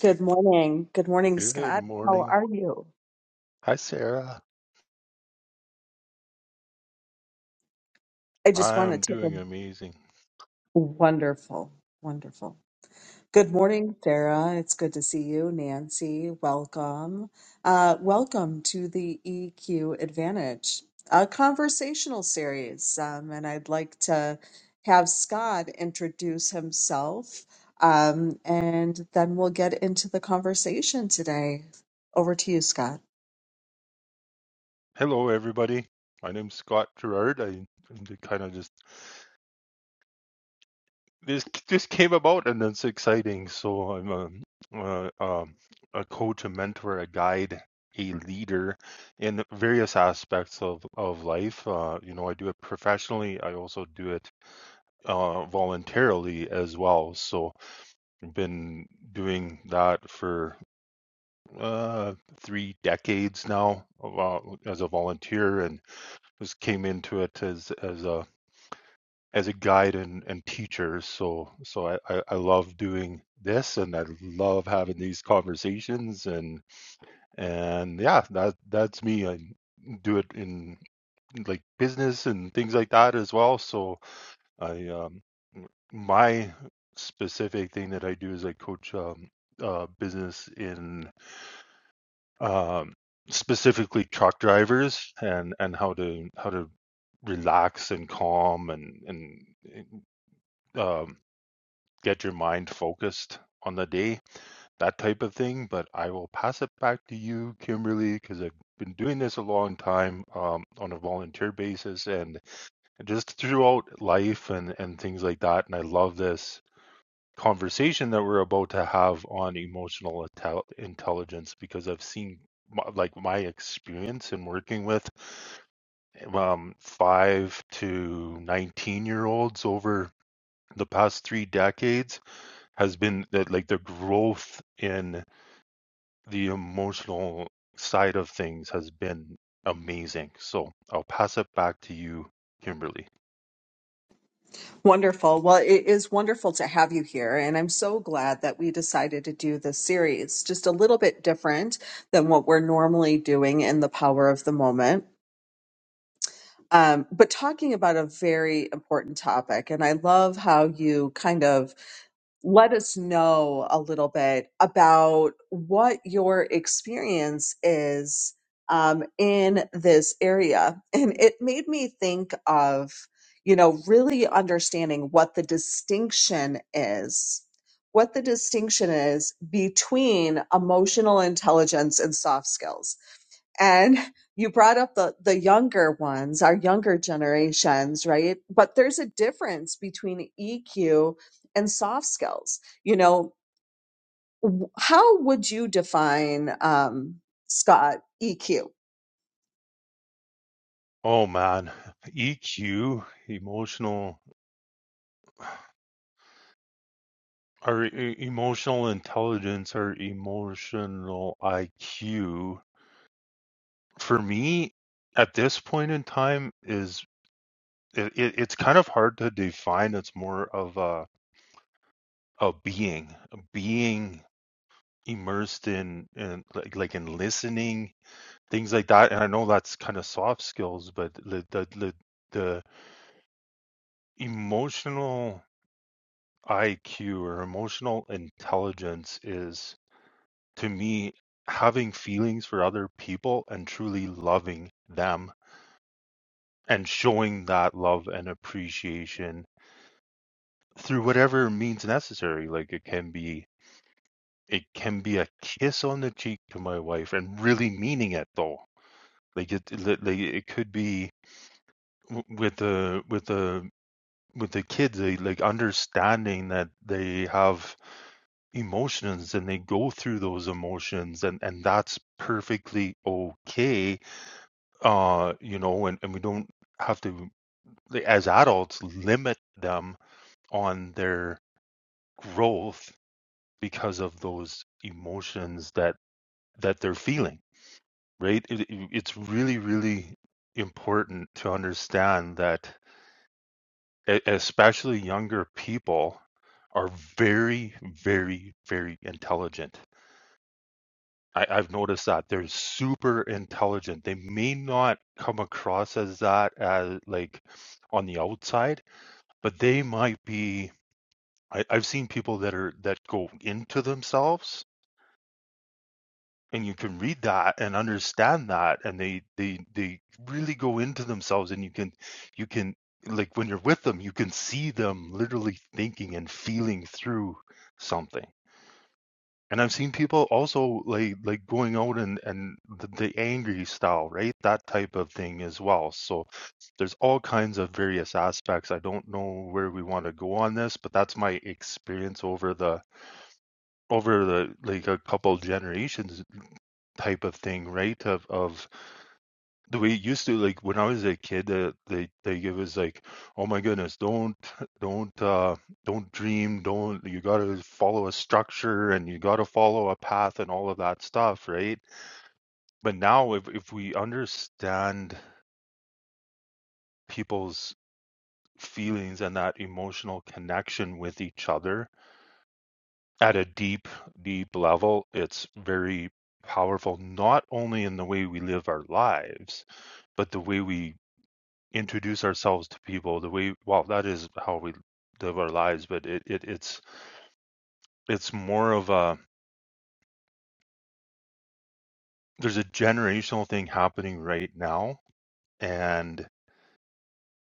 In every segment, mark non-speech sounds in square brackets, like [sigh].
Good morning. Good morning, Good Scott. How morning. are you? Hi, Sarah. I just want to I'm take a doing amazing. wonderful, wonderful. Good morning, Sarah. It's good to see you. Nancy, welcome. Uh, welcome to the EQ Advantage, a conversational series. Um, and I'd like to have Scott introduce himself, um, and then we'll get into the conversation today. Over to you, Scott. Hello, everybody. My name's Scott Gerard. I kind of just this just came about, and it's exciting. So I'm a uh, um, a coach, a mentor, a guide, a leader in various aspects of of life. Uh, you know, I do it professionally. I also do it uh, voluntarily as well. So I've been doing that for uh, three decades now uh, as a volunteer, and just came into it as as a as a guide and, and teacher. So so I, I, I love doing this, and I love having these conversations, and and yeah, that that's me. I do it in like business and things like that as well. So I um, my specific thing that I do is I coach um, uh, business in um, specifically truck drivers and and how to how to relax and calm and and um, get your mind focused on the day that type of thing but i will pass it back to you kimberly because i've been doing this a long time um, on a volunteer basis and just throughout life and and things like that and i love this conversation that we're about to have on emotional intelligence because I've seen like my experience in working with um, five to 19 year olds over the past three decades has been that like the growth in the emotional side of things has been amazing. So I'll pass it back to you, Kimberly. Wonderful. Well, it is wonderful to have you here. And I'm so glad that we decided to do this series, just a little bit different than what we're normally doing in the power of the moment. Um, but talking about a very important topic. And I love how you kind of let us know a little bit about what your experience is um, in this area. And it made me think of, you know, really understanding what the distinction is, what the distinction is between emotional intelligence and soft skills and you brought up the the younger ones our younger generations right but there's a difference between eq and soft skills you know w- how would you define um scott eq Oh man, [laughs] EQ, emotional Our e- emotional intelligence, our emotional IQ, for me, at this point in time, is it, it, it's kind of hard to define. It's more of a a being, a being immersed in, in like, like in listening, things like that. And I know that's kind of soft skills, but the the the, the emotional IQ or emotional intelligence is. to me, having feelings for other people and truly loving them and showing that love and appreciation through whatever means necessary. Like it can be, it can be a kiss on the cheek to my wife and really meaning it though. Like it, it- like it could be w- with the, with the, with the kids, they like understanding that they have emotions and they go through those emotions and, and that's perfectly okay uh you know and, and we don't have to like, as adults limit them on their growth because of those emotions that that they're feeling right it, it- it's really really important to understand that e- especially younger people are very very very intelligent I, I've noticed that they're super intelligent. They may not come across as that as like on the outside, but they might be I, I've seen people that are that go into themselves and you can read that and understand that and they they they really go into themselves and you can you can like when you're with them you can see them literally thinking and feeling through something And I've seen people also like like going out and and the, the angry style, right? That type of thing as well. So there's all kinds of various aspects. I don't know where we want to go on this, but that's my experience over the over the like a couple generations type of thing, right? Of of the way used to like when I was a kid uh, they they give us like oh my goodness don't don't uh don't dream don't you gotta follow a structure and you gotta follow a path and all of that stuff right but now if if we understand people's feelings and that emotional connection with each other at a deep deep level it's very powerful not only in the way we live our lives but the way we introduce ourselves to people the way well that is how we live our lives but it, it it's it's more of a there's a generational thing happening right now and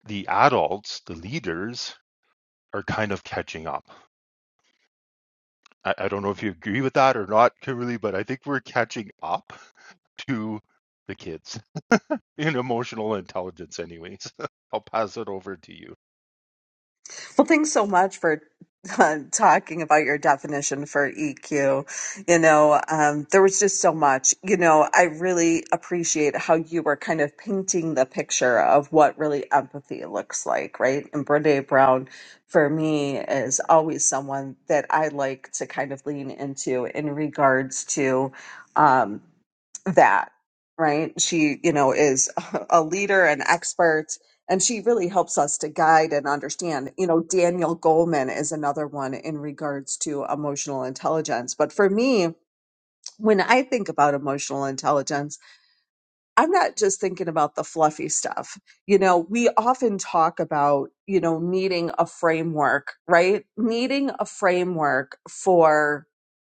the adults the leaders are kind of catching up i, I don't know if you agree with that or not kimberly but i think we're catching up to the kids [laughs] in emotional intelligence anyways [laughs] i'll pass it over to you Well, thanks so much for uh, talking about your definition for EQ. You know, um, there was just so much. You know, I really appreciate how you were kind of painting the picture of what really empathy looks like, right? And Brene Brown, for me, is always someone that I like to kind of lean into in regards to um, that. Right. She, you know, is [laughs] a leader, an expert, and she really helps us to guide and understand. You know, Daniel Goleman is another one in regards to emotional intelligence. But for me, when I think about emotional intelligence, I'm not just thinking about the fluffy stuff. You know, we often talk about, you know, needing a framework, right? Needing a framework for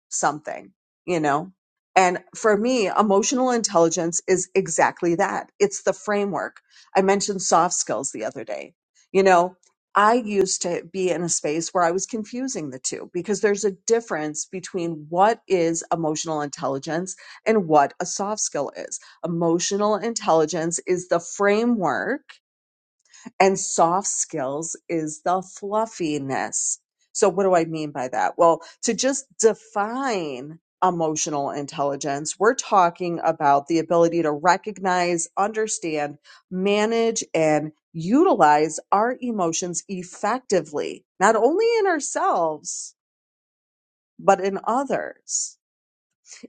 something, you know? And for me, emotional intelligence is exactly that. It's the framework. I mentioned soft skills the other day. You know, I used to be in a space where I was confusing the two because there's a difference between what is emotional intelligence and what a soft skill is Emotional intelligence is the framework, and soft skills is the fluffiness. So, what do I mean by that? Well, to just define emotional intelligence, we're talking about the ability to recognize, understand, manage, and utilize our emotions effectively, not only in ourselves, but in others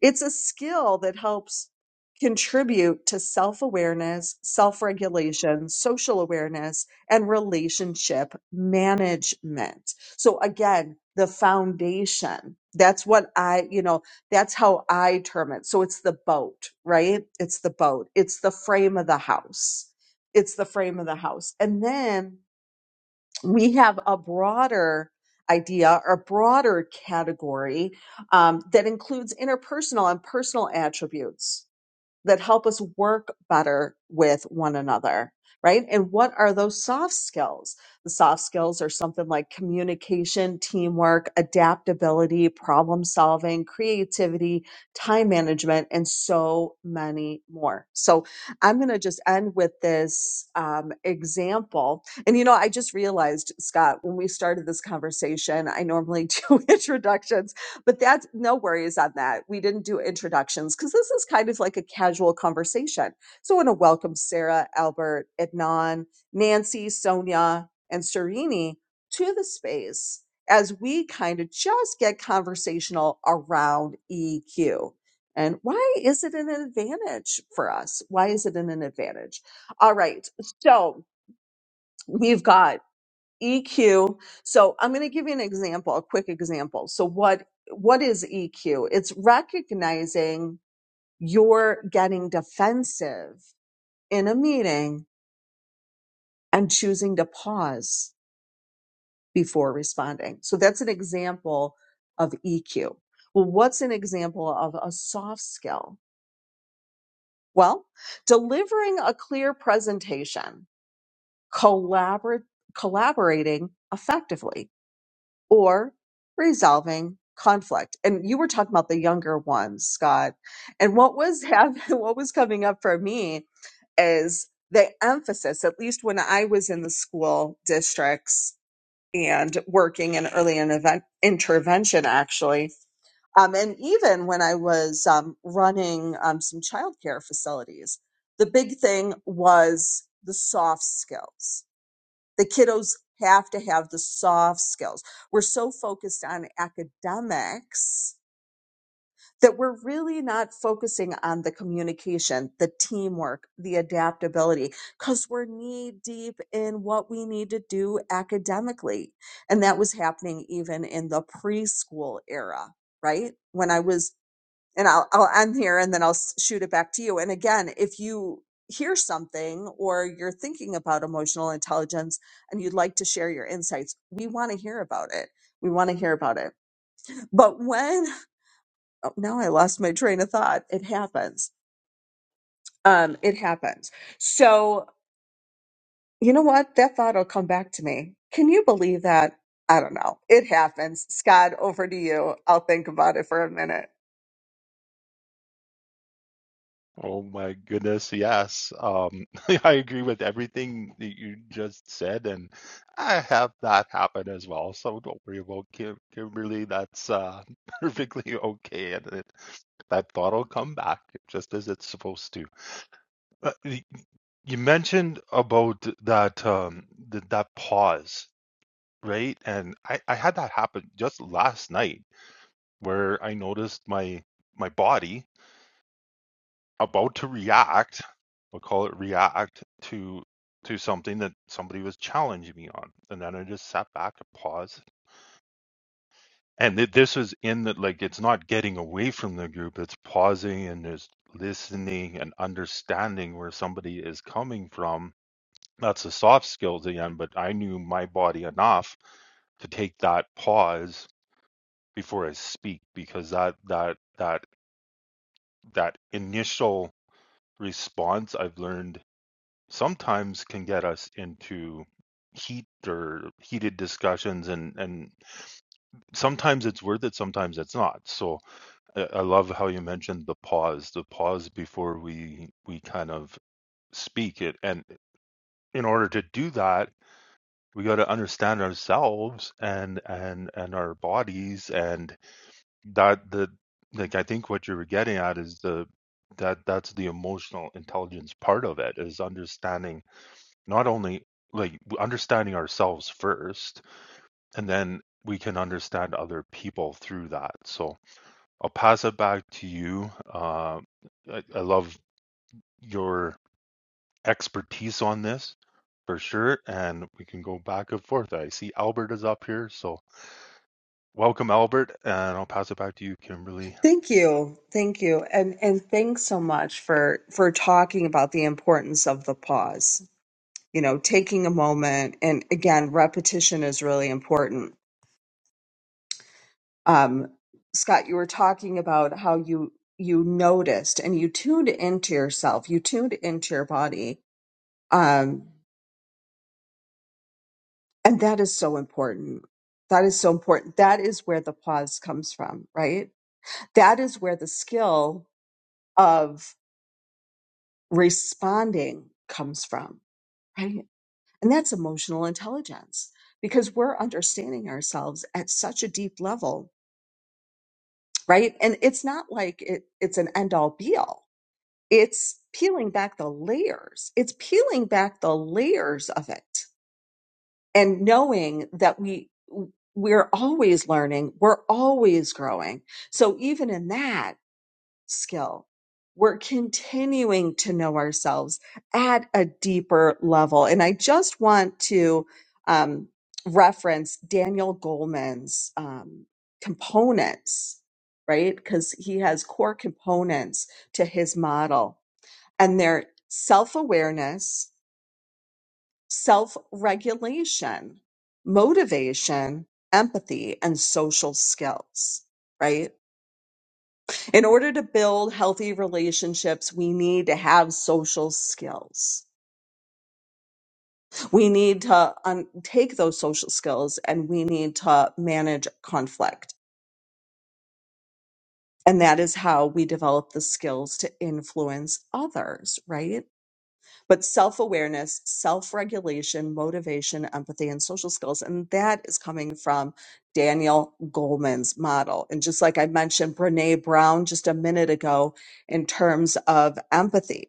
it's a skill that helps contribute to self awareness, self regulation, social awareness, and relationship management. So, again, the foundation. That's what I, you know, that's how I term it. So it's the boat, right? It's the boat. It's the frame of the house. It's the frame of the house. And then we have a broader idea or broader category um, that includes interpersonal and personal attributes that help us work better with one another, right? And what are those soft skills? The soft skills are something like communication, teamwork, adaptability, problem solving, creativity, time management, and so many more. So I'm going to just end with this um, example. And you know, I just realized, Scott, when we started this conversation, I normally [laughs] do introductions but that's no worries on that. We didn't do introductions because this is kind of like a casual conversation. So I want to welcome Sarah, Albert, Adnan, Nancy, Sonia, and Serini to the space as we kind of just get conversational around EQ. And why is it an advantage for us? Why is it an advantage? All right. So we've got EQ. So I'm going to give you an example, a quick example. So what what is EQ? It's recognizing you're getting defensive in a meeting and choosing to pause before responding. So that's an example of EQ. Well, what's an example of a soft skill? Well, delivering a clear presentation, collabor- collaborating effectively or resolving conflict. And you were talking about the younger ones, Scott. And what was happening, [laughs] what was coming up for me is the emphasis, at least when I was in the school districts and working in early and event, intervention, actually. Um, and even when I was um, running um, some childcare facilities, the big thing was the soft skills the kiddos have to have the soft skills. We're so focused on academics that we're really not focusing on the communication, the teamwork, the adaptability, because we're knee deep in what we need to do academically. And that was happening even in the preschool era, right? When I was and I'll I'll end here and then I'll s- shoot it back to you. And again, if you hear something or you're thinking about emotional intelligence and you'd like to share your insights, we want to hear about it. We want to hear about it. But when oh, now I lost my train of thought. It happens. Um, it happens. So you know what? That thought will come back to me. Can you believe that? I don't know. It happens. Scott, over to you. I'll think about it for a minute. Oh my goodness, yes. Um, [laughs] I agree with everything that you just said, and I have that happen as well. So don't worry about Kim Kimberly. That's uh, [laughs] perfectly okay, and it, that thought will come back just as it's supposed to. Uh, y- you mentioned about that um, th- that pause, right? And I, I had that happen just last night, where I noticed my my body. about to react we'll call it react to to something that somebody was challenging me on and then i just sat back and paused and th- this was in that like it's not getting away from the group it's pausing and just listening and understanding where somebody is coming from that's the soft skills again but i knew my body enough to take that pause before i speak because that that that that initial response i've learned sometimes can get us into heat or heated discussions and and sometimes it's worth it sometimes it's not so i, I love how you mentioned the pause the pause before we we kind of speak it and in order to do that we got to understand ourselves and and and our bodies and that the like i think what you were getting at is the that that's the emotional intelligence part of it is understanding Not only like w understanding ourselves first, and then we can understand other people through that. So I'll pass it back to you. Uh, I, I love your expertise on this for sure, and we can go back and forth. I see Albert is up here, so welcome, Albert, and I'll pass it back to you, Kimberly. Thank you. Thank you. And and thanks so much for for talking about the importance of the pause. You know, taking a moment and again, repetition is really important. Um Scott, you were talking about how you you noticed and you tuned into yourself, you tuned into your body. Um and that is so important. That is so important. That is where the pause comes from, right? That is where the skill of responding comes from right? And that's emotional intelligence because we're understanding ourselves at such a deep level, right? And it's not like it, it's an end all be all. It's peeling back the layers. It's peeling back the layers of it and knowing that we, we're always learning. We're always growing. So even in that, skill. We're continuing to know ourselves at a deeper level. And I just want to um, reference Daniel Goleman's um, components, right? Because he has core components to his model, and they're self awareness, self regulation, motivation, empathy, and social skills, right? In order to build healthy relationships, we need to have social skills. We need to un- take those social skills and we need to manage conflict. And that is how we develop the skills to influence others, right? But self awareness, self regulation, motivation, empathy, and social skills. And that is coming from Daniel Goleman's model. And just like I mentioned, Brene Brown just a minute ago in terms of empathy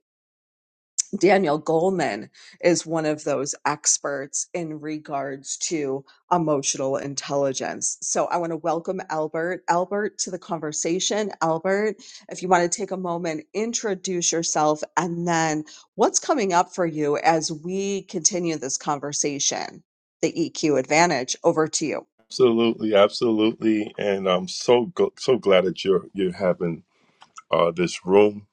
Daniel Goleman is one of those experts in regards to emotional intelligence. So I want to welcome Albert, Albert to the conversation. Albert, if you want to take a moment, introduce yourself and then what's coming up for you as we continue this conversation, the EQ advantage over to you. Absolutely, absolutely, and I'm so gl- so glad that you're you're having uh, this room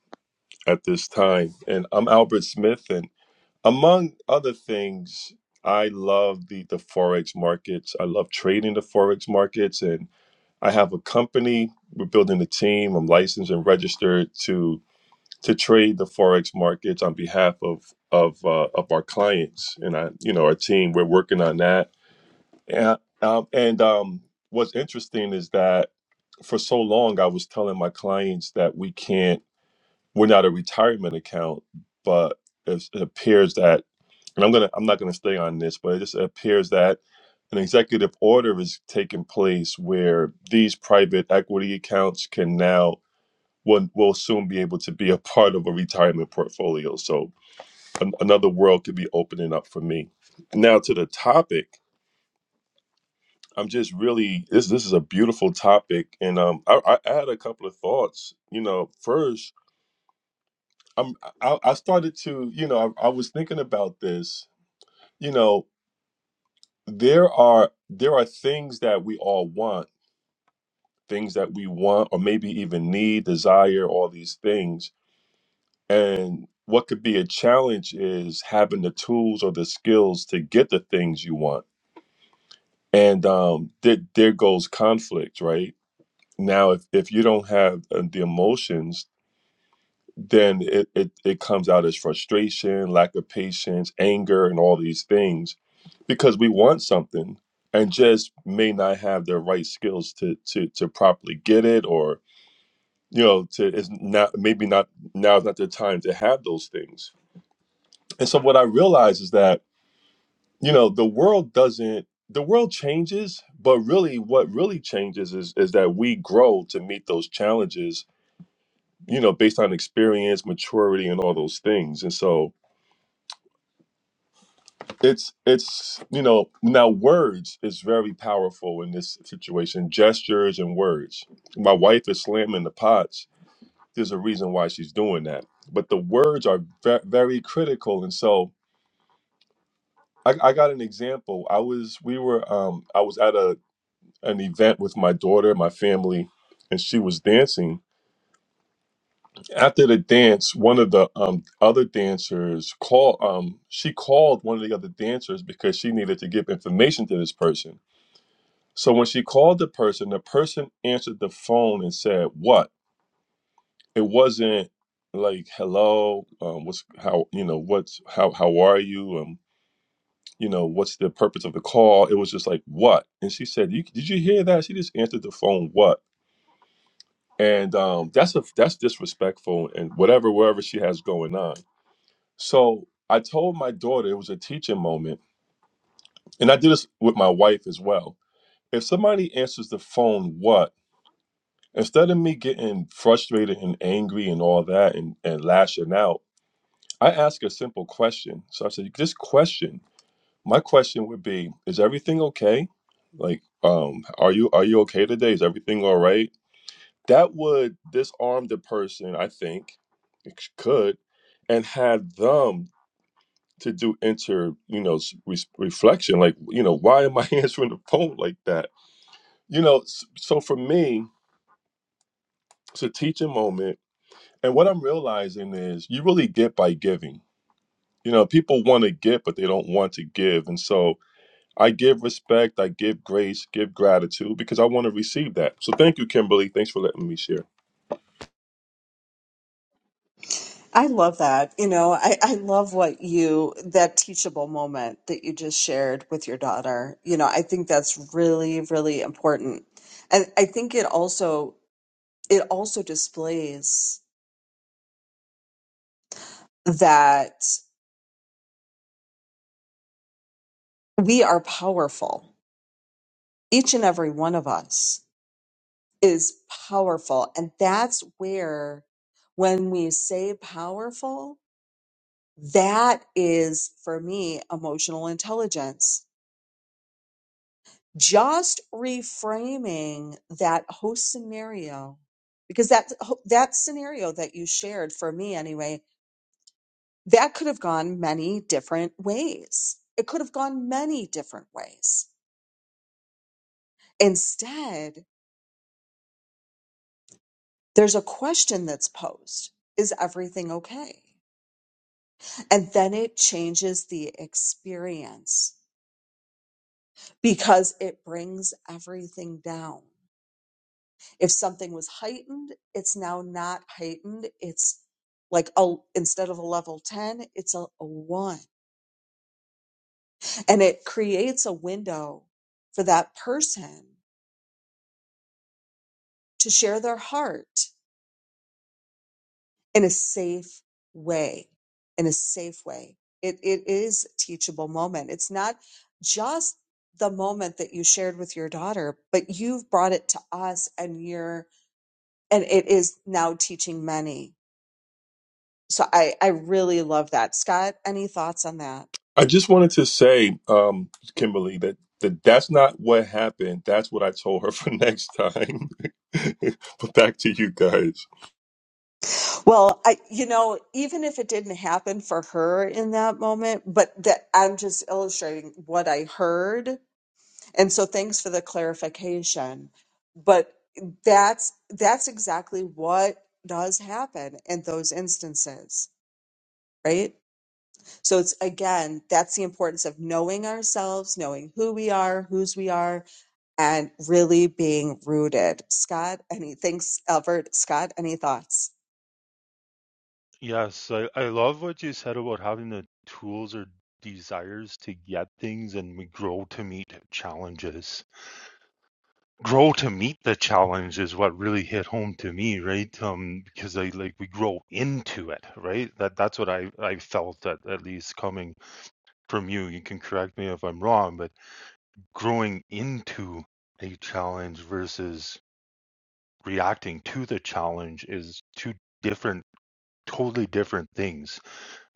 at this time. And I'm Albert Smith, and among other things, I love the the forex markets. I love trading the forex markets, and I have a company. We're building a team. I'm licensed and registered to to trade the forex markets on behalf of of uh, of our clients and I, you know, our team. We're working on that, and um, and um, what's interesting is that for so long I was telling my clients that we can't we're not a retirement account, but it's- it appears that and I'm gonna I'm not gonna stay on this, but it just appears that an executive order is taking place where these private equity accounts can now will, will soon be able to be a part of a retirement portfolio. So an, another world could be opening up for me. Now to the topic, I'm just really this this is a beautiful topic, and um I, I I had a couple of thoughts. You know, first I'm I, I started to you know I, I was thinking about this you know there are there are things that we all want things that we want or maybe even need desire all these things and what could be a challenge is having the tools or the skills to get the things you want and um there, there goes conflict right now if, if you don't have uh, the emotions then it, it, it comes out as frustration, lack of patience, anger, and all these things because we want something and just may not have the right skills to to to properly get it or you know to is not maybe not now is not the time to have those things and so what i realize is that you know the world doesn't the world changes but really what really changes is is that we grow to meet those challenges you know based on experience maturity and all those things and so it's it's you know now words is very powerful in this situation gestures and words my wife is slamming the pots there's a reason why she's doing that but the words are ve- very critical and so I, I got an example i was we were um i was at a an event with my daughter my family and she was dancing after the dance one of the um other dancers called um she called one of the other dancers because she needed to give information to this person So when she called the person, the person answered the phone and said, "What?" It wasn't like, "Hello, um, what's how you know what's how how are you?" Um, you know, what's the purpose of the call? It was just like, "What?" And she said, you, "Did you hear that?" She just answered the phone, "What?" And um, that's a that's disrespectful and whatever wherever she has going on. So I told my daughter it was a teaching moment, and I did this with my wife as well. If somebody answers the phone, "What?" instead of me getting frustrated and angry and all that and, and lashing out, I ask a simple question. So I said, this question, my question would be, is everything okay? Like, um, are you are you okay today? Is everything all right? That would disarm the person, I think, it sh- could, and had them to do inter, you know, s- res- reflection. Like, you know, why am I [laughs] answering the phone like that? You know, s- so for me, it's a teaching moment And what I'm realizing is you really get by giving. You know, people want to give, but they don't want to give. And so I give respect, I give grace, give gratitude because I want to receive that. So thank you, Kimberly. Thanks for letting me share. I love that. You know, I, I love what you, that teachable moment that you just shared with your daughter. You know, I think that's really, really important. And I think it also, it also displays that we are powerful. Each and every one of us is powerful. And that's where, when we say powerful, that is for me emotional intelligence just reframing that whole scenario because that that scenario that you shared for me anyway that could have gone many different ways it could have gone many different ways instead there's a question that's posed is everything okay and then it changes the experience because it brings everything down If something was heightened, it's now not heightened. It's like a instead of a level 10, it's a, a 1. And it creates a window for that person to share their heart in a safe way. In a safe way. It it is a teachable moment. It's not just the moment that you shared with your daughter, but you've brought it to us and you're and it is now teaching many So I, I really love that. Scott, any thoughts on that? I just wanted to say, um, Kimberly, that, that that's not what happened. That's what I told her for [laughs] next time. [laughs] but back to you guys. Well, I, you know, even if it didn't happen for her in that moment, but that I'm just illustrating what I heard. And so thanks for the clarification. But that's, that's exactly what does happen in those instances, right? So it's again, that's the importance of knowing ourselves, knowing who we are, whose we are, and really being rooted. Scott, anything, Albert, Scott, any thoughts? Yes, I, I love what you said about having the tools or desires to get things, and we grow to meet challenges. grow to meet the challenge is what really hit home to me right um because i like we grow into it right that that's what i i felt at, at least coming from you you can correct me if i'm wrong but growing into a challenge versus reacting to the challenge is two different totally different things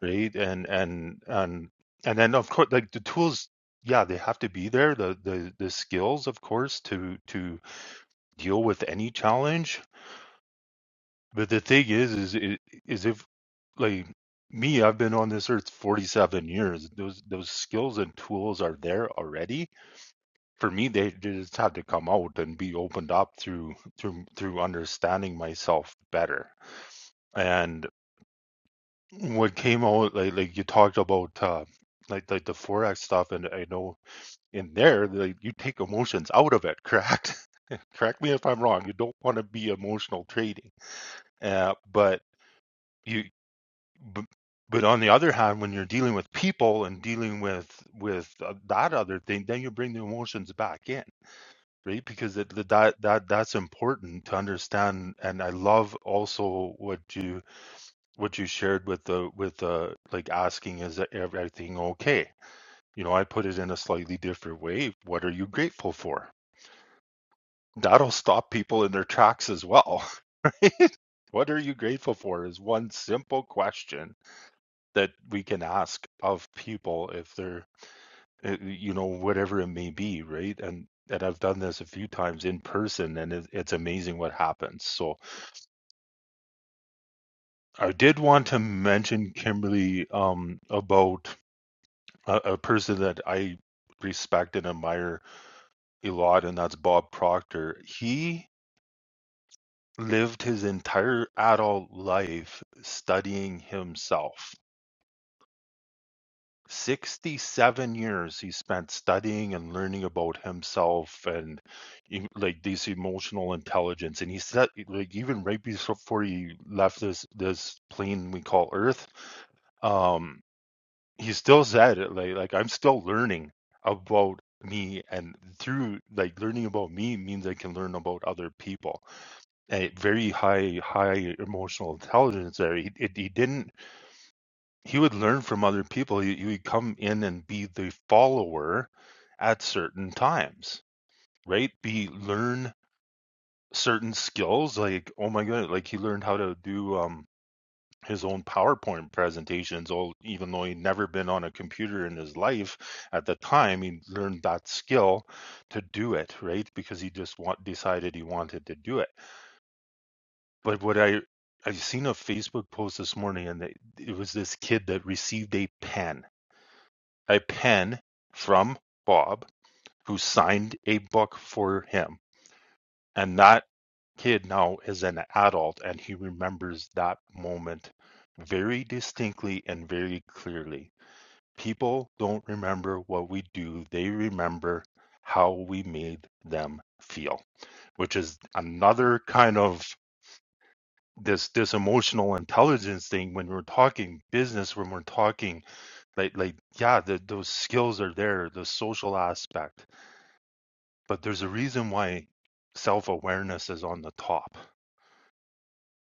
right and and and and then of course like the tools yeah they have to be there the the the skills of course to to deal with any challenge But the thing is, is it is if like me, I've been on this earth 47 years. Those those skills and tools are there already. For me, they just have to come out and be opened up through through through understanding myself better. And what came out like like you talked about uh like like the forex stuff and I know in there like you take emotions out of it, correct? [laughs] Correct me if I'm wrong. You don't want to be emotional trading. Uh but you but but on the other hand when you're dealing with people and dealing with with uh, that other thing then you bring the emotions back in right because it, that that that's important to understand and i love also what you what you shared with the with the like asking is e-, everything okay you know i put it in a slightly different way what are you grateful for that'll stop people in their tracks as well [laughs] what are you grateful for is one simple question that we can ask of people if they're uh, you know whatever it may be right and and I've done this a few times in person and it, it's amazing what happens so I did want to mention Kimberly um about a, a person that I respect and admire a lot and that's Bob Proctor he lived his entire adult life studying himself 67 years he spent studying and learning about himself and e- like this emotional intelligence and he said like even right before he left this this plane we call earth um he still said it like like i'm still learning about me and through like learning about me means i can learn about other people a very high high emotional intelligence there he, it, he didn't he would learn from other people. He he would come in and be the follower at certain times, right? Be learn certain skills like, oh my god, like he learned how to do um his own PowerPoint presentations, all even though he'd never been on a computer in his life at the time, he learned that skill to do it, right? Because he just want, decided he wanted to do it. But what I I've seen a Facebook post this morning, and they- it was this kid that received a pen a pen from Bob, who signed a book for him. And that kid now is an adult and he remembers that moment very distinctly and very clearly. People don't remember what we do, they remember how we made them feel, which is another kind of this this emotional intelligence thing when we're talking business when we're talking like like yeah, the, those skills are there, the social aspect, but there's a reason why self awareness is on the top.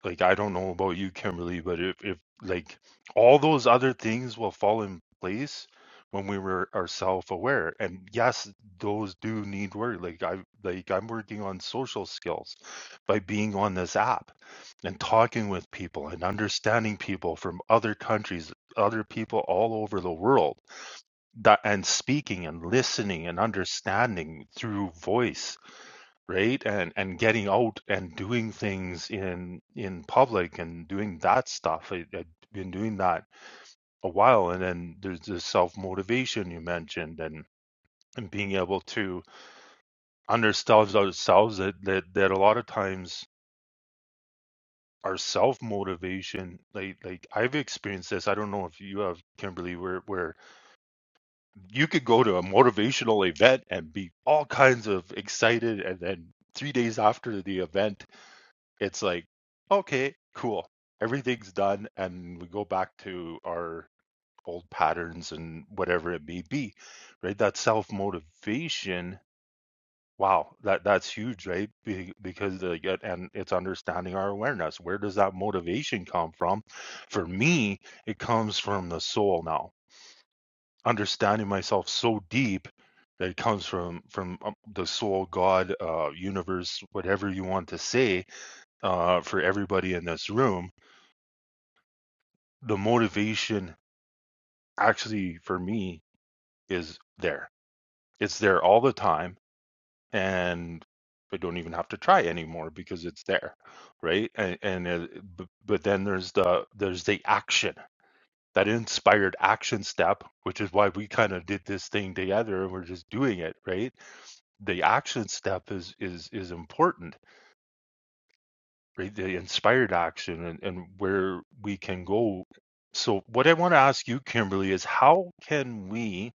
Like I don't know about you, Kimberly, but if if like all those other things will fall in place when we were are self aware, and yes, those do need work. Like I like I'm working on social skills by being on this app and talking with people and understanding people from other countries, other people all over the world that and speaking and listening and understanding through voice right and and getting out and doing things in in public and doing that stuff I, i've been doing that a while and then there's the self-motivation you mentioned and and being able to understand ourselves that that, that a lot of times our self-motivation like like i've experienced this i don't know if you have kimberly where where You could go to a motivational event and be all kinds of excited, and then three days after the event, it's like, okay, cool, everything's done, and we go back to our old patterns and whatever it may be, right? That self motivation. Wow, that that's huge, right? Be- Because uh, yet- and it's understanding our awareness. Where does that motivation come from? For me, it comes from the soul now understanding myself so deep that it comes from from um, the soul god uh universe whatever you want to say uh for everybody in this room the motivation actually for me is there it's there all the time and i don't even have to try anymore because it's there right and, and uh, b- but then there's the there's the action that inspired action step which is why we kind of did this thing together and we're just doing it right the action step is is is important right the inspired action and, and where we can go so what i want to ask you kimberly is how can we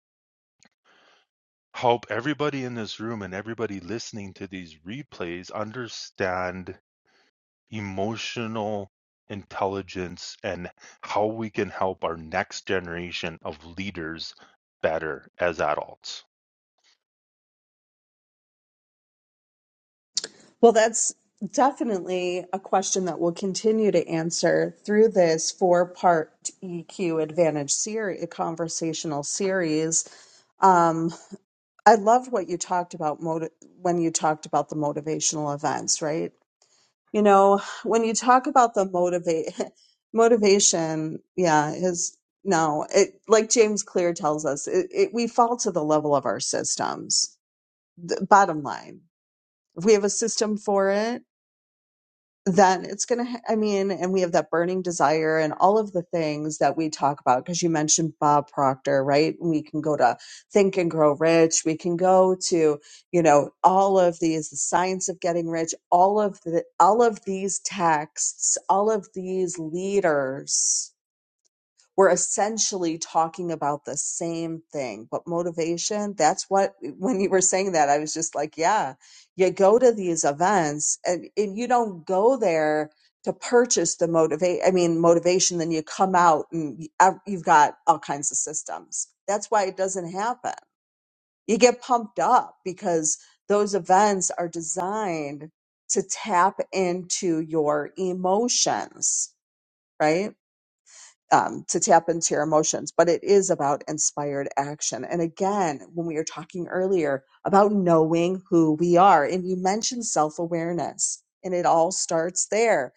help everybody in this room and everybody listening to these replays understand emotional intelligence and how we can help our next generation of leaders better as adults Well, that's definitely a question that we'll continue to answer through this four part EQ Advantage series, conversational series. Um, I love what you talked about motiv- when you talked about the motivational events, right? You know, when you talk about the motivate [laughs] motivation, yeah, is no, it like James Clear tells us, it, it we fall to the level of our systems. The bottom line, if we have a system for it, then it's going to, ha- I mean, and we have that burning desire and all of the things that we talk about. Cause you mentioned Bob Proctor, right? We can go to Think and Grow Rich. We can go to, you know, all of these, the science of getting rich, all of the, all of these texts, all of these leaders we're essentially talking about the same thing but motivation that's what [laughs] when you were saying that i was just like yeah you go to these events and, and you don't go there to purchase the motivate i mean motivation then you come out and you- ev- you've got all kinds of systems that's why it doesn't happen you get pumped up because those events are designed to tap into your emotions right um, to tap into your emotions, but it is about inspired action. And again, when we were talking earlier about knowing who we are, and you mentioned self awareness, and it all starts there.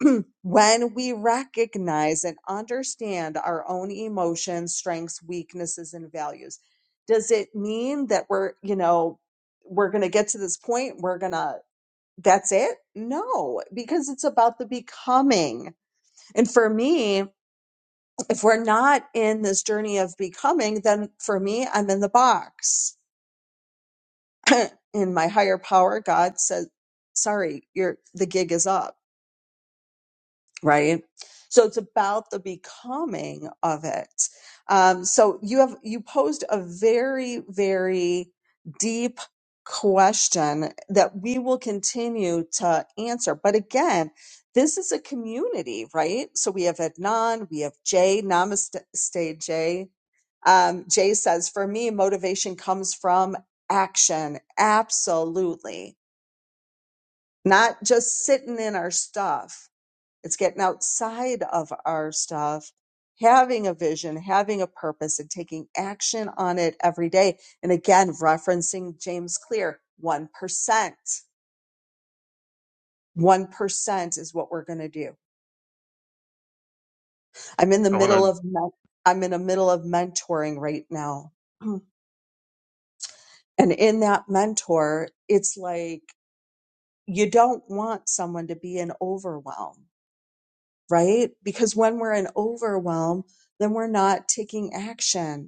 [clears throat] when we recognize and understand our own emotions, strengths, weaknesses, and values, does it mean that we're, you know, we're going to get to this point, we're going to, that's it? No, because it's about the becoming. And for me, if we're not in this journey of becoming, then for me, I'm in the box. [clears throat] in my higher power, God says, sorry, your the gig is up right so it's about the becoming of it um, so you have you posed a very very deep question that we will continue to answer but again this is a community right so we have adnan we have jay namaste jay um, Jay says, for me, motivation comes from action. Absolutely. Not just sitting in our stuff. It's getting outside of our stuff, having a vision, having a purpose, and taking action on it every day. And again, referencing James Clear 1%. 1% is what we're going to do. I'm in the i want middle to of, men- I'm in the middle of mentoring right now. [clears throat] And in that mentor, it's like you don't want someone to be in overwhelm, right? Because when we're in overwhelm, then we're not taking action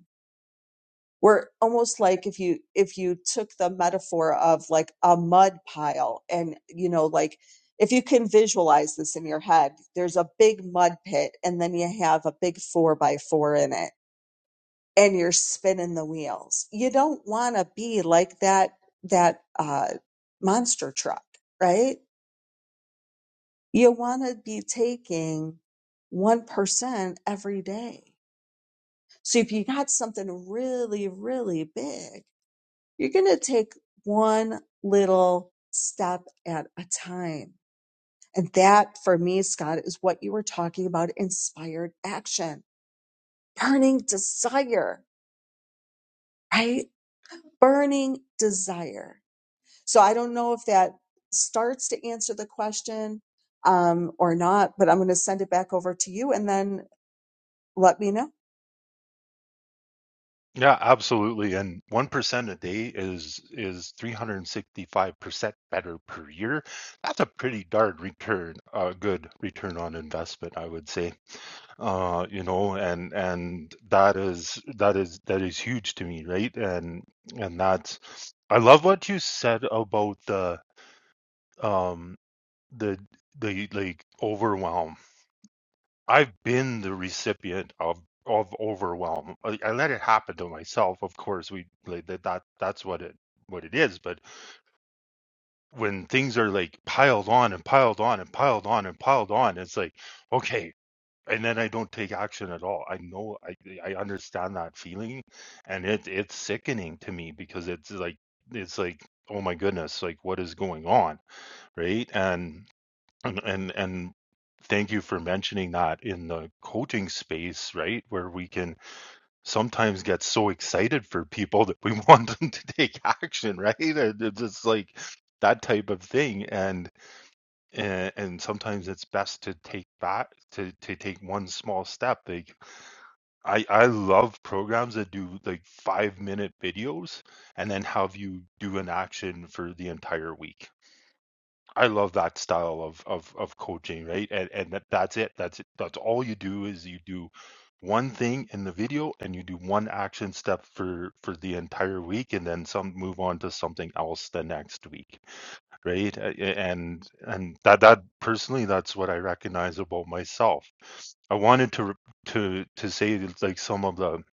We're almost like if you if you took the metaphor of like a mud pile and you know like if you can visualize this in your head, there's a big mud pit and then you have a big four by four in it and you're spinning the wheels. You don't want to be like that that uh, monster truck, right? You want to be taking 1% every day. So if you got something really, really big, You're going to take one little step at a time. And that for me, Scott, is what you were talking about inspired action, burning desire, right? Burning desire. So I don't know if that starts to answer the question um, or not, but I'm going to send it back over to you and then let me know. Yeah, absolutely. And 1% a day is is 365% better per year. That's a pretty darn return, a good return on investment, I would say. Uh, you know, and and that is that is that is huge to me, right? And and that's I love what you said about the um the the like overwhelm I've been the recipient of of overwhelm. I, I let it happen to myself. Of course, we like that, that that's what it what it is. But when things are like piled on and piled on and piled on and piled on, it's like okay, and then I don't take action at all. I know I I understand that feeling, and it it's sickening to me because it's like it's like oh my goodness, like what is going on, right? And and and and thank you for mentioning that in the coaching space, right? Where we can sometimes get so excited for people that we [laughs] want them to take action, right? And It's just like that type of thing. And and, and sometimes it's best to take back to, to take one small step. Like I, I love programs that do like five minute videos and then have you do an action for the entire week I love that style of of of coaching, right? And and that, that's it. That's it. That's all you do is you do one thing in the video and you do one action step for for the entire week and then some move on to something else the next week, right? A- a- And and that that personally that's what I recognize about myself. I wanted to re- to to say that, like some of the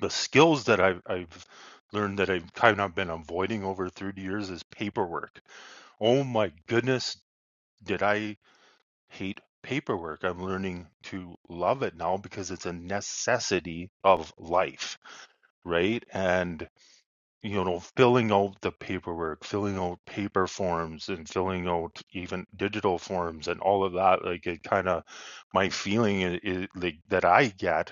the skills that I've I've learned that I've kind of been avoiding over 30 years is paperwork. Oh my goodness did I hate paperwork? I'm learning to love it now because it's a necessity of life, right? And, you know, filling out the paperwork, filling out paper forms and filling out even digital forms and all of that, like it kind of, my feeling is, is like that I get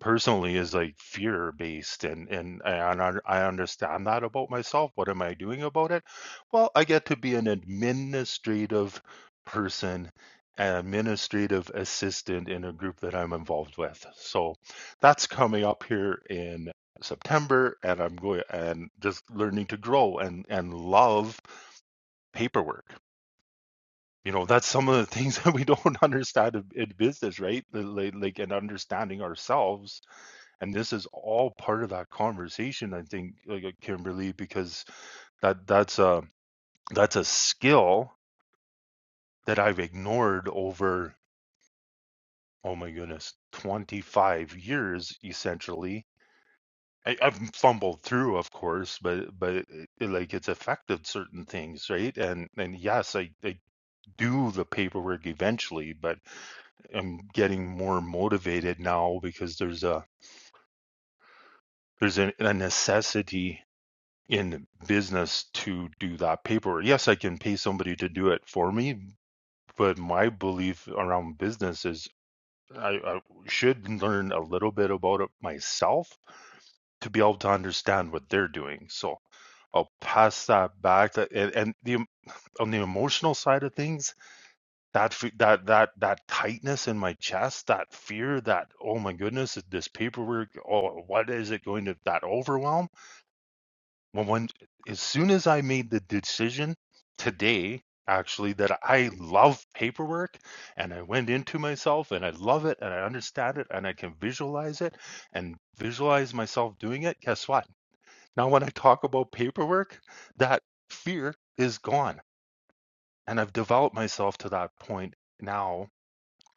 personally is like fear based and and I, un- un- I understand that about myself what am i doing about it well i get to be an administrative person an administrative assistant in a group that i'm involved with so that's coming up here in september and i'm going and just learning to grow and and love paperwork you know that's some of the things [laughs] that we don't [laughs] understand in, in business right like, like and understanding ourselves and this is all part of that conversation, I think, like, uh, Kimberly, because that that's a that's a skill that I've ignored over, oh my goodness, 25 years essentially. I, I've fumbled through, of course, but but it, it, like it's affected certain things, right? And and yes, I, I do the paperwork eventually, but I'm getting more motivated now because there's a there's a, a necessity in business to do that paperwork. Yes, I can pay somebody to do it for me, but my belief around business is I, I should learn a little bit about it myself to be able to understand what they're doing. So I'll pass that back. To, and, and the on the emotional side of things, that that that that tightness in my chest, that fear, that oh my goodness, this paperwork, oh what is it going to that overwhelm? Well, when as soon as I made the decision today, actually, that I love paperwork and I went into myself and I love it and I understand it and I can visualize it and visualize myself doing it, guess what? Now, when I talk about paperwork, that fear is gone. And I've developed myself to that point now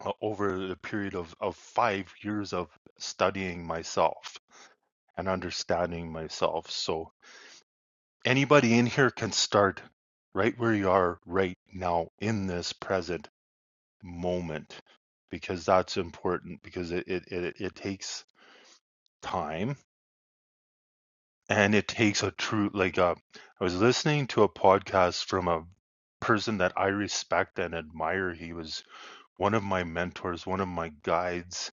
uh, over the period of, of five years of studying myself and understanding myself. So, anybody in here can start right where you are right now in this present moment because that's important because it it, it, it takes time and it takes a true like uh, i was listening to a podcast from a person that i respect and admire he was one of my mentors one of my guides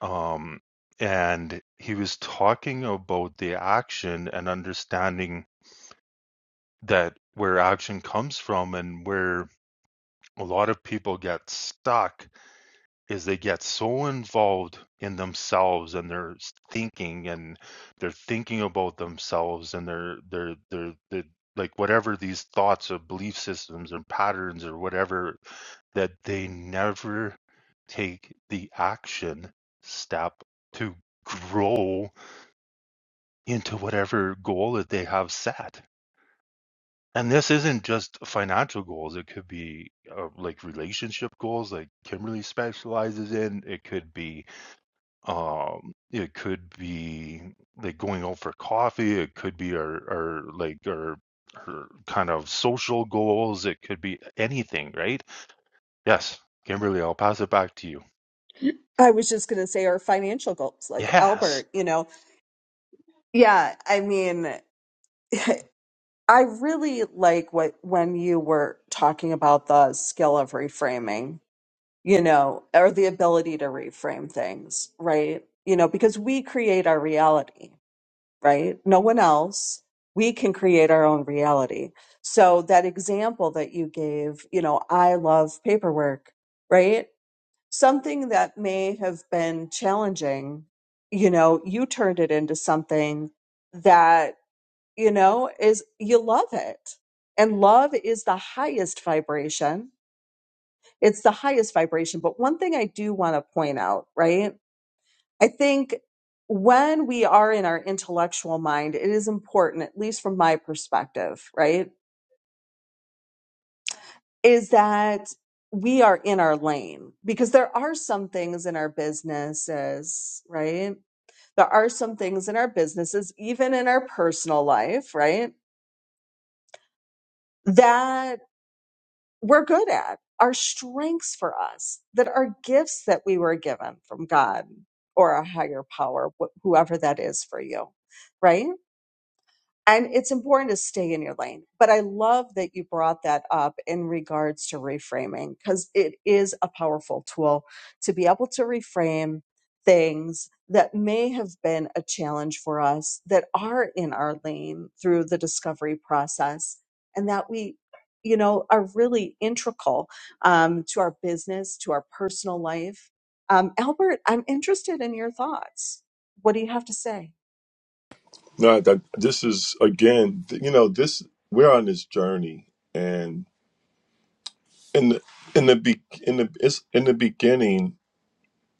um and he was talking about the action and understanding that where action comes from and where a lot of people get stuck is they get so involved in themselves and their s- thinking and they're thinking about themselves and they're they're they're, they're like whatever these thoughts or belief systems or patterns or whatever that they never take the action step to grow into whatever goal that they have set and this isn't just financial goals. It could be uh, like relationship goals, like Kimberly specializes in. It could be, um, it could be like going out for coffee. It could be our, our like our, her kind of social goals. It could be anything, right? Yes, Kimberly, I'll pass it back to you. I was just going to say our financial goals, like Yes, Albert, you know, yeah, I mean, [laughs] I really like what when you were talking about the skill of reframing, you know, or the ability to reframe things, right? You know, because we create our reality, right? No one else. We can create our own reality. So that example that you gave, you know, I love paperwork, right? Something that may have been challenging, you know, you turned it into something that you know, is you love it. And love is the highest vibration. It's the highest vibration. But one thing I do want to point out, right? I think when we are in our intellectual mind, it is important, at least from my perspective, right? Is that we are in our lane because there are some things in our businesses, right? There are some things in our businesses, even in our personal life, right? That we're good at, our strengths for us, that are gifts that we were given from God or a higher power, wh- whoever that is for you, right? and it's important to stay in your lane but i love that you brought that up in regards to reframing because it is a powerful tool to be able to reframe things that may have been a challenge for us that are in our lane through the discovery process and that we you know are really integral um, to our business to our personal life um, albert i'm interested in your thoughts what do you have to say No, that this is again, th- you know, this we're on this journey, and in the in the be, in the it's in the beginning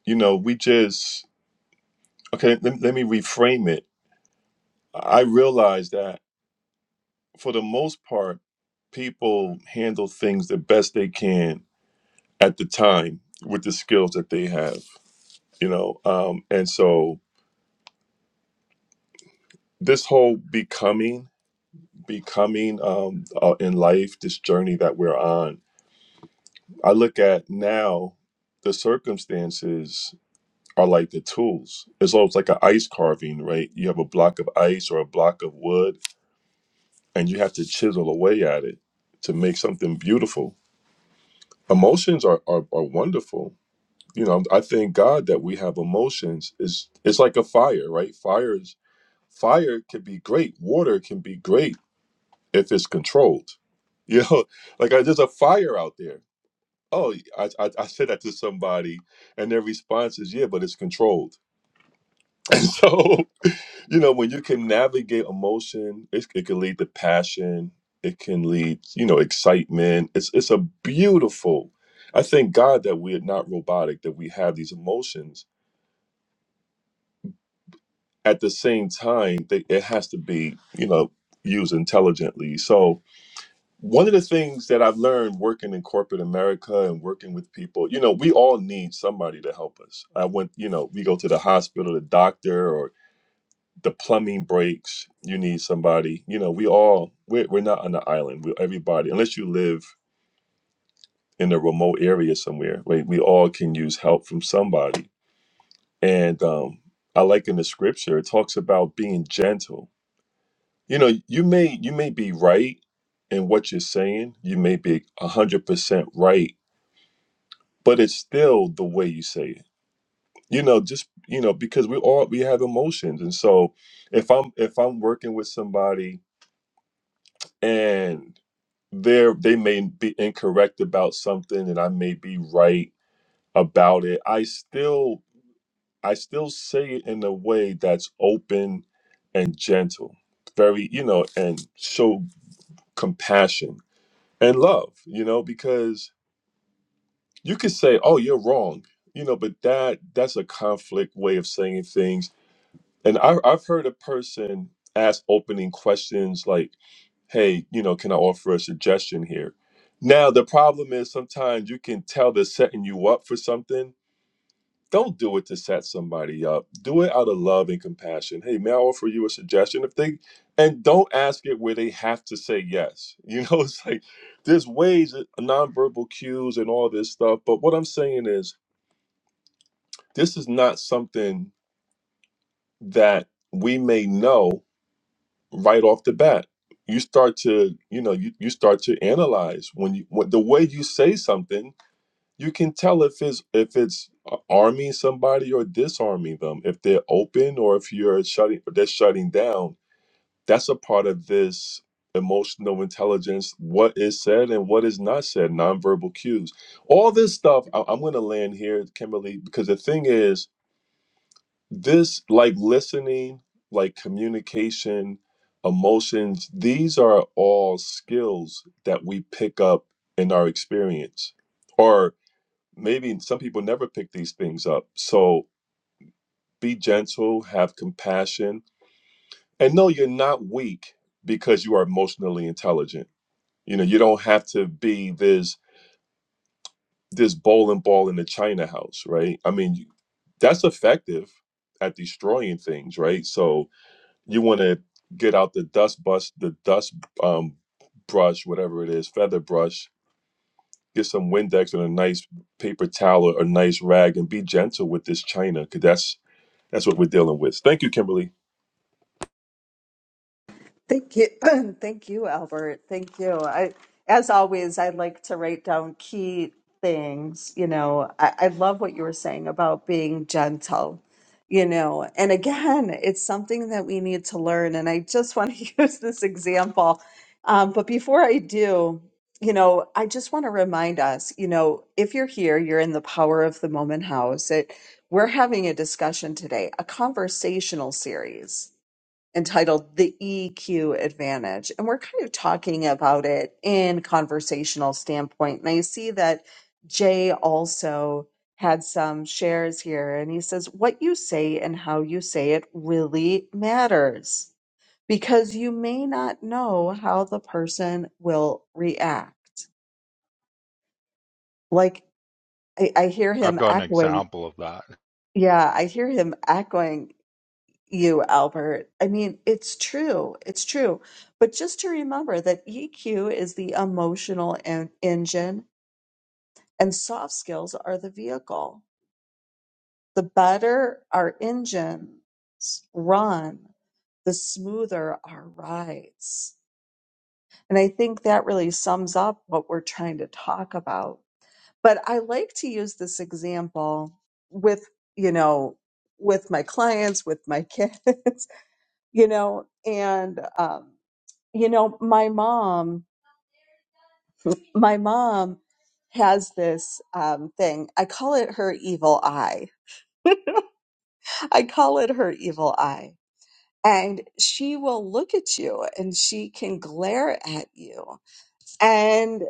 you know, we just, okay, let, let me reframe it. I realize that for the most part, people handle things the best they can at the time with the skills that they have, you know? Um, and so this whole becoming, becoming um, uh, in life, this journey that we're on, I look at now the circumstances are like the tools. It's almost like an ice carving, right? You have a block of ice or a block of wood and you have to chisel away at it to make something beautiful. Emotions are are, are wonderful. You know, I thank God that we have emotions. It's it's like a fire, right? Fire is fire can be great. Water can be great if it's controlled. You know, [laughs] like I, there's a fire out there. Oh, I, I I said that to somebody, and their response is, "Yeah, but it's controlled." [laughs] And so you know when you can navigate emotion it, it can lead to passion it can lead you know excitement it's it's a beautiful i thank god that we're not robotic that we have these emotions at the same time they, it has to be you know used intelligently so one of the things that i've learned working in corporate america and working with people you know we all need somebody to help us i went you know we go to the hospital the doctor the plumbing breaks you need somebody you know we all we're, we're not on the island we everybody unless you live in a remote area somewhere right we all can use help from somebody and um i like in the scripture it talks about being gentle you know you may you may be right in what you're saying you may be 100% right but it's still the way you say it you know just you know because we all we have emotions and so if i'm if i'm working with somebody and there they may be incorrect about something and I may be right about it. I still I still say it in a way that's open and gentle. Very, you know, and show compassion and love, you know, because you could say, "Oh, you're wrong." You know, but that that's a conflict way of saying things. And I I've heard a person ask opening questions like hey, you know, can I offer a suggestion here? Now, the problem is sometimes you can tell they're setting you up for something. Don't do it to set somebody up. Do it out of love and compassion. Hey, may I offer you a suggestion? If they and don't ask it where they have to say yes. You know, [laughs] it's like there's ways that- nonverbal cues and all this stuff. But what I'm saying is this is not something that we may know right off the bat you start to you know you, you start to analyze when you when, the way you say something you can tell if it's if it's uh, arming somebody or disarming them if they're open or if you're shutting or they're shutting down that's a part of this emotional intelligence what is said and what is not said nonverbal cues all this stuff I, i'm going to land here kimberly because the thing is this like listening like communication emotions these are all skills that we pick up in our experience or maybe some people never pick these things up so be gentle have compassion and no you're not weak because you are emotionally intelligent you know you don't have to be this this bowling ball in the china house right i mean you- that's effective at destroying things right so you want to get out the dust bus, the dust um, brush, whatever it is, feather brush. Get some Windex and a nice paper towel or a nice rag, and be gentle with this china, because that's that's what we're dealing with. Thank you, Kimberly. Thank you. [clears throat] Thank you, Albert. Thank you. I, as always, I like to write down key things. You know, I, I love what you were saying about being gentle, you know, and again, it's something that we need to learn. And I just want to [laughs] use this example. Um, but before I do, you know, I just want to remind us, you know, if you're here, you're in the Power of the Moment house. It, we're having a discussion today, a conversational series entitled The EQ Advantage. And we're kind of talking about it in conversational standpoint. And I see that Jay also had some shares here and he says what you say and how you say it really matters because you may not know how the person will react. Like I, I hear I've him got an echoing. example of that. Yeah, I hear him echoing you, Albert. I mean, it's true. It's true. But just to remember that EQ is the emotional en- engine and soft skills are the vehicle. The better our engines run, the smoother our rides. And I think that really sums up what we're trying to talk about. But I like to use this example with, you know, with my clients, with my kids, [laughs] you know, and, um, you know my mom my mom has this um, thing i call it her evil eye [laughs] i call it her evil eye and she will look at you and she can glare at you and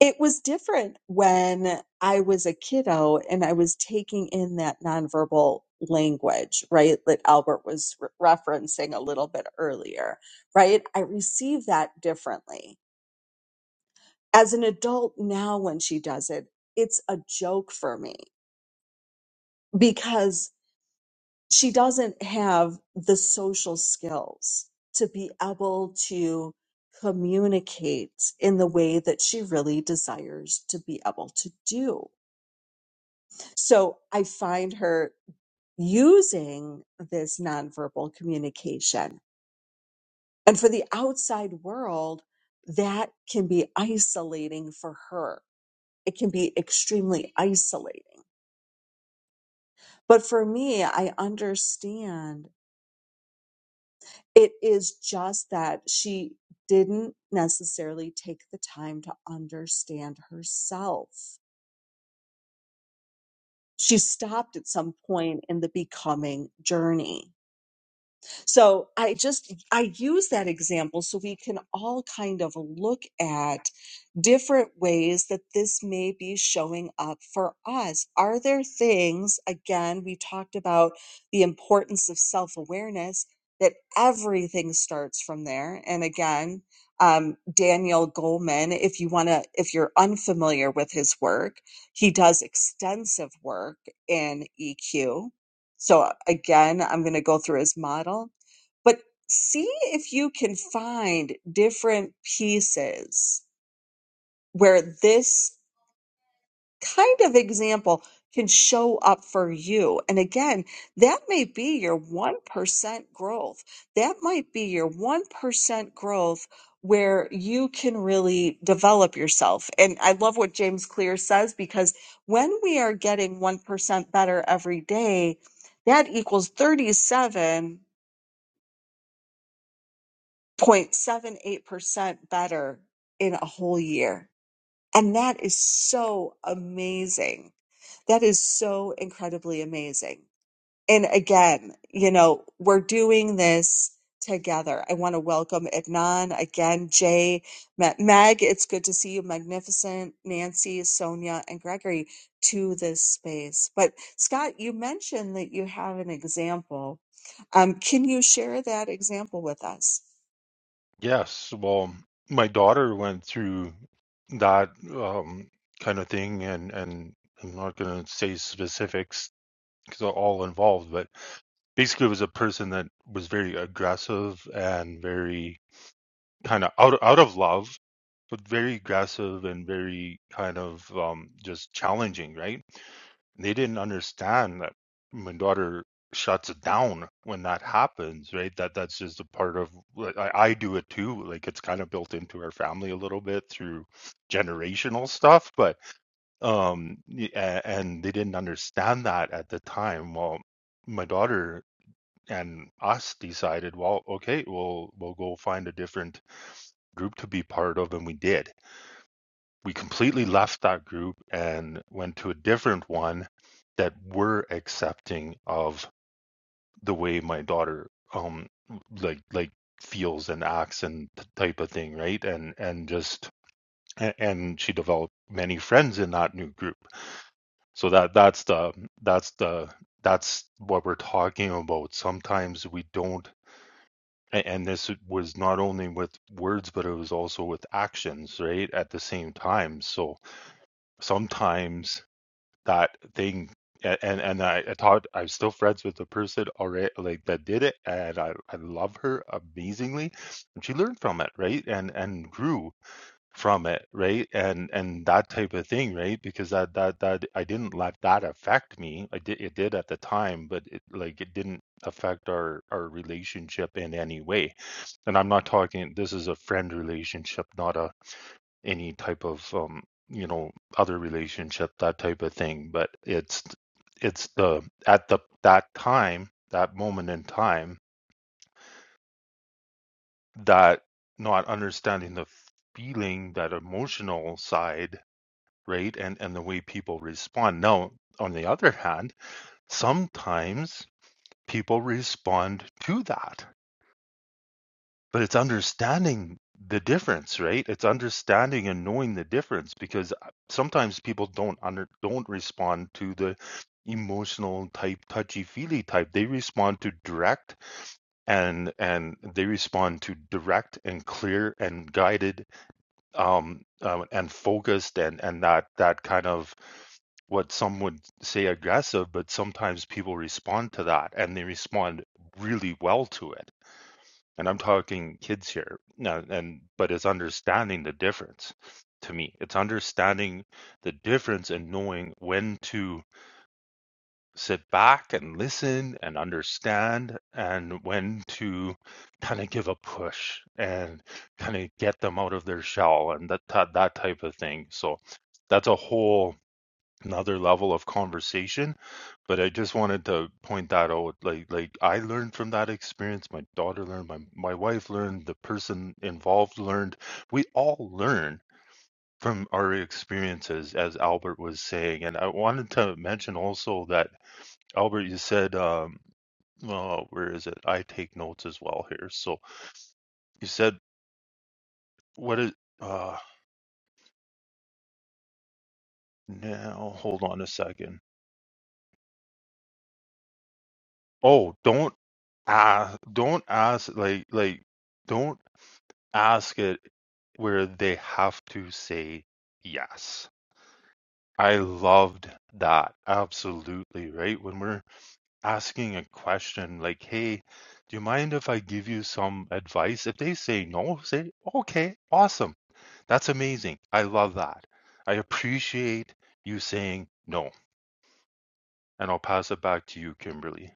it was different when i was a kiddo and i was taking in that nonverbal language right that albert was re- referencing a little bit earlier right i received that differently as an adult now when she does it, it's a joke for me because she doesn't have the social skills to be able to communicate in the way that she really desires to be able to do. So I find her using this nonverbal communication. And for the outside world, that can be isolating for her. It can be extremely isolating But for me, I understand it is just that she didn't necessarily take the time to understand herself. She stopped at some point in the becoming journey So I just I use that example so we can all kind of look at different ways that this may be showing up for us. Are there things again we talked about the importance of self-awareness that everything starts from there and again um, Daniel Goleman, if you want to, if you're unfamiliar with his work, he does extensive work in EQ. So again, I'm going to go through his model but see if you can find different pieces where this kind of example can show up for you. And again, that may be your 1% growth. That might be your 1% growth where you can really develop yourself. And I love what James Clear says because when we are getting 1% better every day, that equals 37 0.78% better in a whole year. And that is so amazing. That is so incredibly amazing. And again, you know, we're doing this together. I want to welcome Ignan again, Jay, Ma- Meg. It's good to see you, Magnificent, Nancy, Sonia, and Gregory to this space. But Scott, you mentioned that you have an example. Um, can you share that example with us? Yes, well, my daughter went through that um, kind of thing, and and I'm not going to say specifics because they're all involved, but basically, it was a person that was very aggressive and very kind of out out of love, but very aggressive and very kind of um, just challenging, right? They didn't understand that my daughter shuts it down when that happens, right? That that's just a part of like, I, I do it too. Like it's kind of built into our family a little bit through generational stuff, but um y- a- and they didn't understand that at the time well my daughter and us decided well okay we'll we'll go find a different group to be part of and we did we completely left that group and went to a different one that were accepting of the way my daughter um like like feels and acts and type of thing right and and just and she developed many friends in that new group so that that's the that's the that's what we're talking about sometimes we don't and this was not only with words but it was also with actions right at the same time so sometimes that thing a- and and I, I taught I'm still friends with the person already like that did it and I, I love her amazingly and she learned from it right and and grew from it right and and that type of thing right because that that that I didn't let that affect me I did it did at the time but it like it didn't affect our our relationship in any way and I'm not talking this is a friend relationship not a any type of um, you know other relationship that type of thing but it's it's the at the that time that moment in time that not understanding the feeling that emotional side right and and the way people respond now on the other hand sometimes people respond to that But it's understanding the difference, right? It's understanding and knowing the difference because uh, sometimes people don't under don't respond to the emotional type, touchy-feely type. They respond to direct and and they respond to direct and clear and guided um, um and focused and and that that kind of what some would say aggressive, but sometimes people respond to that and they respond really well to it and I'm talking kids here. Now, and but it's understanding the difference to me. It's understanding the difference and knowing when to sit back and listen and understand and when to kind of give a push and kind of get them out of their shell and that that, that type of thing. So that's a whole another level of conversation but i just wanted to point that out like like i learned from that experience my daughter learned my, my wife learned the person involved learned we all learn from our experiences as albert was saying and i wanted to mention also that albert you said um well where is it i take notes as well here so you said what is uh now hold on a second oh don't uh don't ask like like don't ask it where they have to say yes. I loved that. Absolutely, right? When we're asking a question like, hey, do you mind if I give you some advice? If they say no, say, okay, awesome. That's amazing. I love that. I appreciate you saying no. And I'll pass it back to you, Kimberly.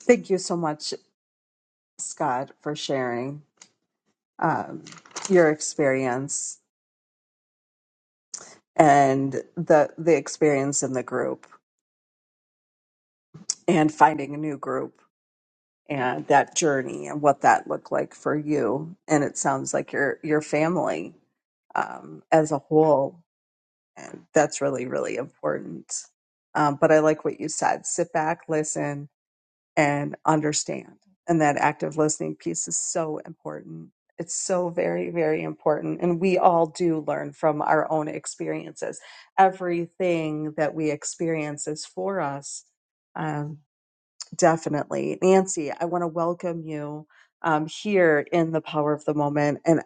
Thank you so much, Scott, for sharing um, your experience and the the experience in the group and finding a new group and that journey and what that looked like for you. And it sounds like your your family um, as a whole. And that's really really important. Um, but I like what you said. Sit back, listen, and understand. And that active listening piece is so important. It's so very, very important. And we all do learn from our own experiences. Everything that we experience is for us. Um, definitely. Nancy, I want to welcome you um, here in the power of the moment. And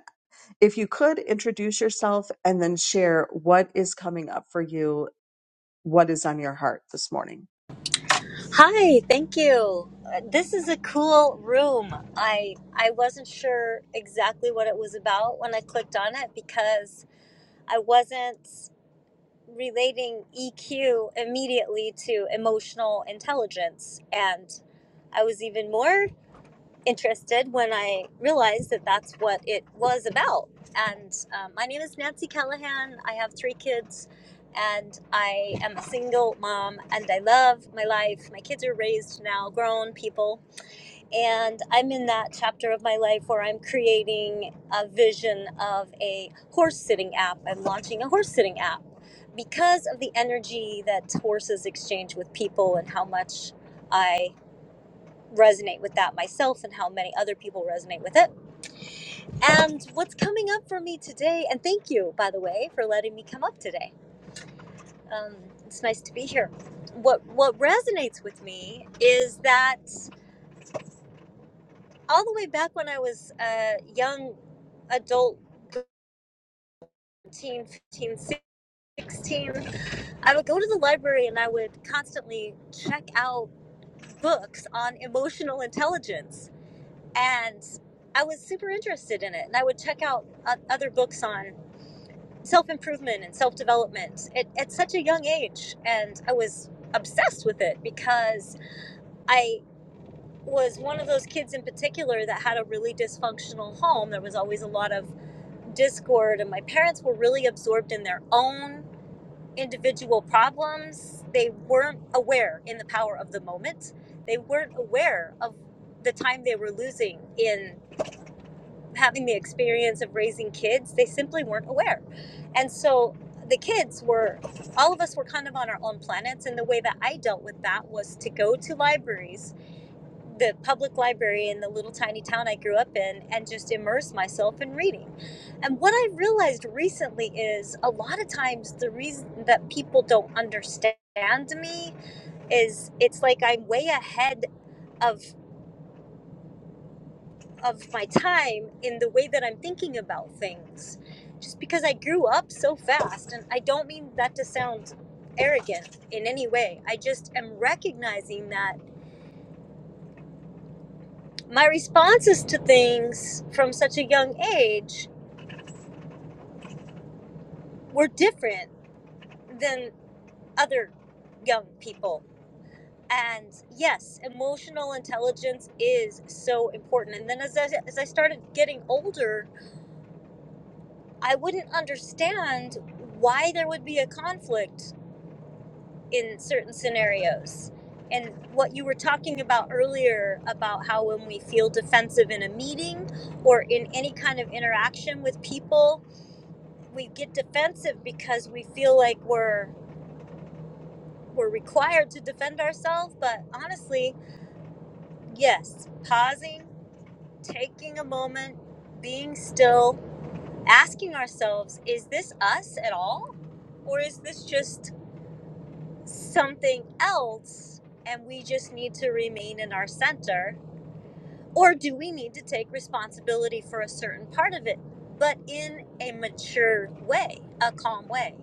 if you could introduce yourself and then share what is coming up for you what is on your heart this morning? Hi, thank you. Uh, This is a cool room. I I wasn't sure exactly what it was about when I clicked on it because I wasn't relating EQ immediately to emotional intelligence and I was even more interested when I realized that that's what it was about. And um, my name is Nancy Callahan. I have three kids, and I am a single mom, and I love my life. My kids are raised now, grown people. And I'm in that chapter of my life where I'm creating a vision of a horse sitting app. I'm launching a horse sitting app because of the energy that horses exchange with people and how much. I resonate with that myself and how many other people resonate with it. And what's coming up for me today, and thank you, by the way, for letting me come up today. Um, it's nice to be here. What, what resonates with me is that all the way back when I was a young adult, 13, fifteen, sixteen, I would go to the library and I would constantly check out books on emotional intelligence and I was super interested in it. And I would check out o- other books on self improvement and self development at, at such a young age. And I was obsessed with it because I was one of those kids in particular that had a really dysfunctional home. There was always a lot of discord, and my parents were really absorbed in their own individual problems. They weren't aware in the power of the moment, they weren't aware of the time they were losing in. having the experience of raising kids, they simply weren't aware. And so the kids were, all of us were kind of on our own planets. And the way that I dealt with that was to go to libraries, the public library in the little tiny town I grew up in, and just immerse myself in reading. And what I realized recently is a lot of times the reason that people don't understand me is it's like I'm way ahead of of my time in the way that I'm thinking about things. Just because I grew up so fast, and I don't mean that to sound arrogant in any way. I just am recognizing that my responses to things from such a young age were different than other young people. And yes, emotional intelligence is so important. And then as I, as I started getting older, I wouldn't understand why there would be a conflict in certain scenarios. And what you were talking about earlier about how when we feel defensive in a meeting or in any kind of interaction with people, we get defensive because we feel like we're we're required to defend ourselves, but honestly, yes, pausing, taking a moment, being still, asking ourselves, is this us at all? Or is this just something else and we just need to remain in our center? Or do we need to take responsibility for a certain part of it, but in a mature way, a calm way?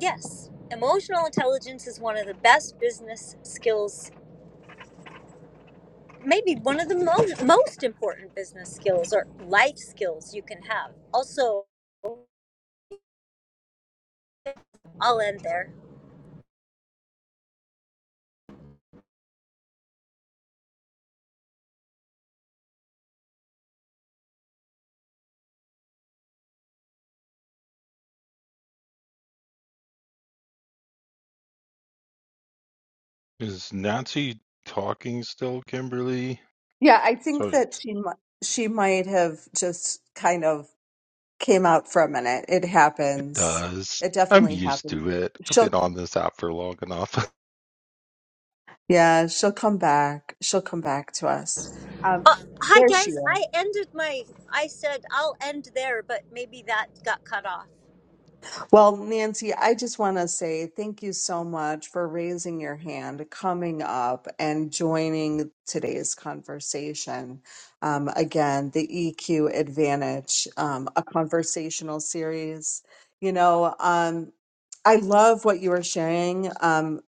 Yes, emotional intelligence is one of the best business skills, maybe one of the most most important business skills or life skills you can have. Also, I'll end there. Is Nancy talking still, Kimberly? Yeah, I think Sorry, that she mi- she might have just kind of came out for a minute. It It happens. does. It I'm definitely used happens. to it. I've She'll been on this app for long enough. [laughs] yeah, she'll come back. She'll come back to us. Um, Uh, hi there she guys, is. I ended my. I said I'll end there, but maybe that got cut off. Well, Nancy, I just want to say thank you so much for raising your hand, coming up, and joining today's conversation. Um, again, the EQ Advantage, um, a conversational series. You know, um, I love what you are sharing um,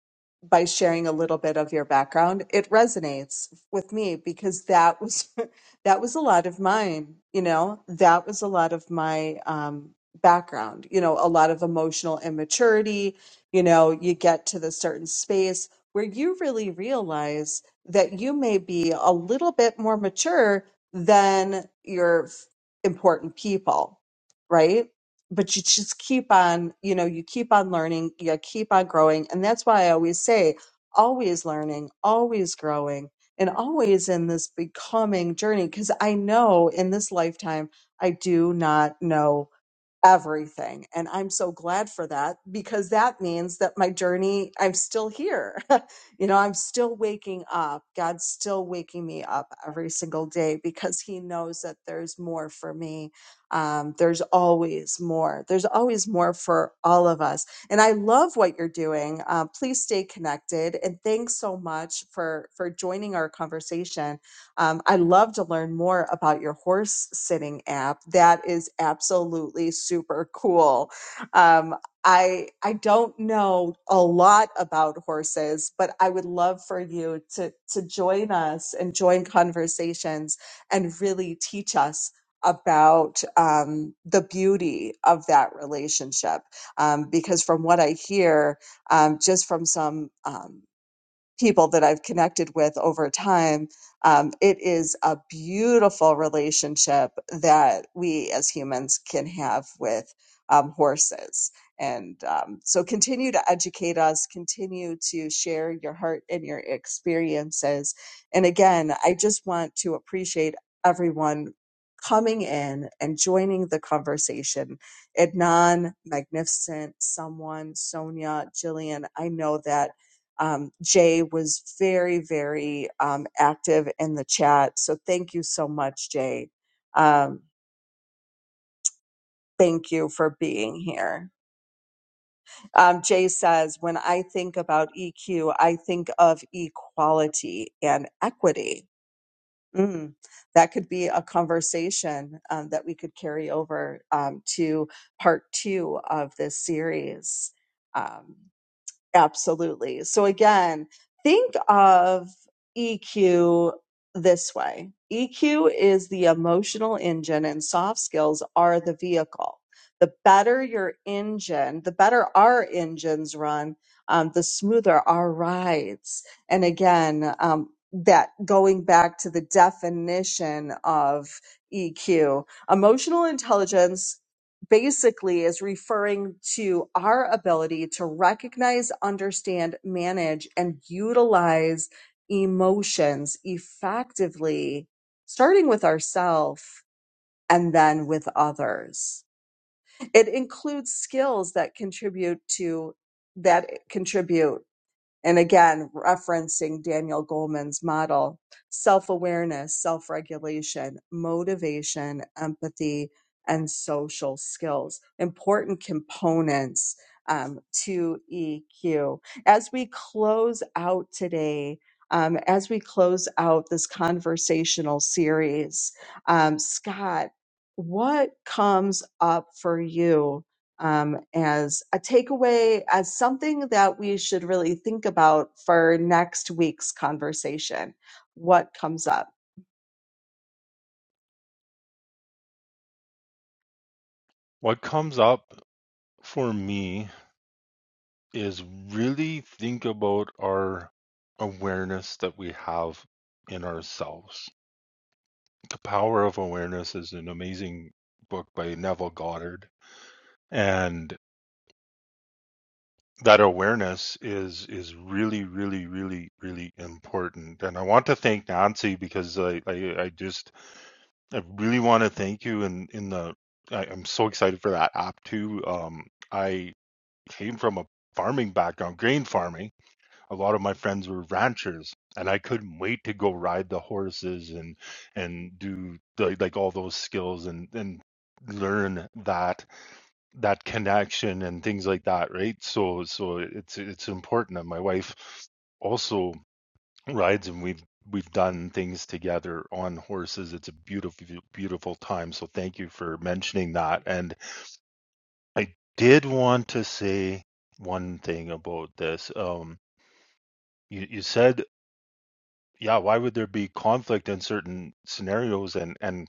by sharing a little bit of your background. It resonates with me because that was. [laughs] that was a lot of mine you know that was a lot of my um background you know a lot of emotional immaturity you know you get to the certain space where you really realize that you may be a little bit more mature than your f- important people right but you just keep on you know you keep on learning you keep on growing and that's why i always say always learning always growing and always in this becoming journey because I know in this lifetime I do not know everything. And I'm so glad for that because that means that my journey, I'm still here. [laughs] you know, I'm still waking up. God's still waking me up every single day because He knows that there's more for me. Um, there's always more. There's always more for all of us. And I love what you're doing. Uh, please stay connected. And thanks so much for for joining our conversation um, I'd love to learn more about your horse sitting app. That is absolutely super cool. Um, I I don't know a lot about horses, but I would love for you to to join us and join conversations and really teach us about um, the beauty of that relationship. Um, because from what I hear, um, just from some. Um, people that I've connected with over time. Um, it is a beautiful relationship that we as humans can have with um, horses. And um, so continue to educate us, continue to share your heart and your experiences. And again, I just want to appreciate everyone coming in and joining the conversation. Adnan, Magnificent, someone, Sonia, Jillian, I know that um, Jay was very, very um, active in the chat. So thank you so much, Jay. Um, thank you for being here. Um, Jay says, when I think about EQ, I think of equality and equity. Mm, that could be a conversation um, that we could carry over um, to part two of this series. Um, Absolutely. So again, think of EQ this way. EQ is the emotional engine and soft skills are the vehicle. The better your engine, the better our engines run, um, the smoother our rides. And again, um, that going back to the definition of EQ, emotional intelligence basically is referring to our ability to recognize, understand, manage, and utilize emotions effectively, starting with ourselves and then with others. It includes skills that contribute to that contribute and again, referencing Daniel Goleman's model self awareness, self regulation, motivation, empathy, and social skills, important components um, to EQ. As we close out today, um, as we close out this conversational series, um, Scott, what comes up for you um, as a takeaway, as something that we should really think about for next week's conversation. What comes up? What comes up for me is really think about our awareness that we have in ourselves. The Power of Awareness is an amazing book by Neville Goddard. And that awareness is is really, really, really, really important. And I want to thank Nancy because I, I, I just I really want to thank you And in in the I, I'm so excited for that app too. Um, I came from a farming background, grain farming. A lot of my friends were ranchers, and I couldn't wait to go ride the horses and and do the, like all those skills and and learn that that connection and things like that, right? So so it's it's important. And my wife also rides and we've we've done things together on horses. It's a beautiful beautiful time. So thank you for mentioning that. And I did want to say one thing about this. Um you, you said yeah, why would there be conflict in certain scenarios and and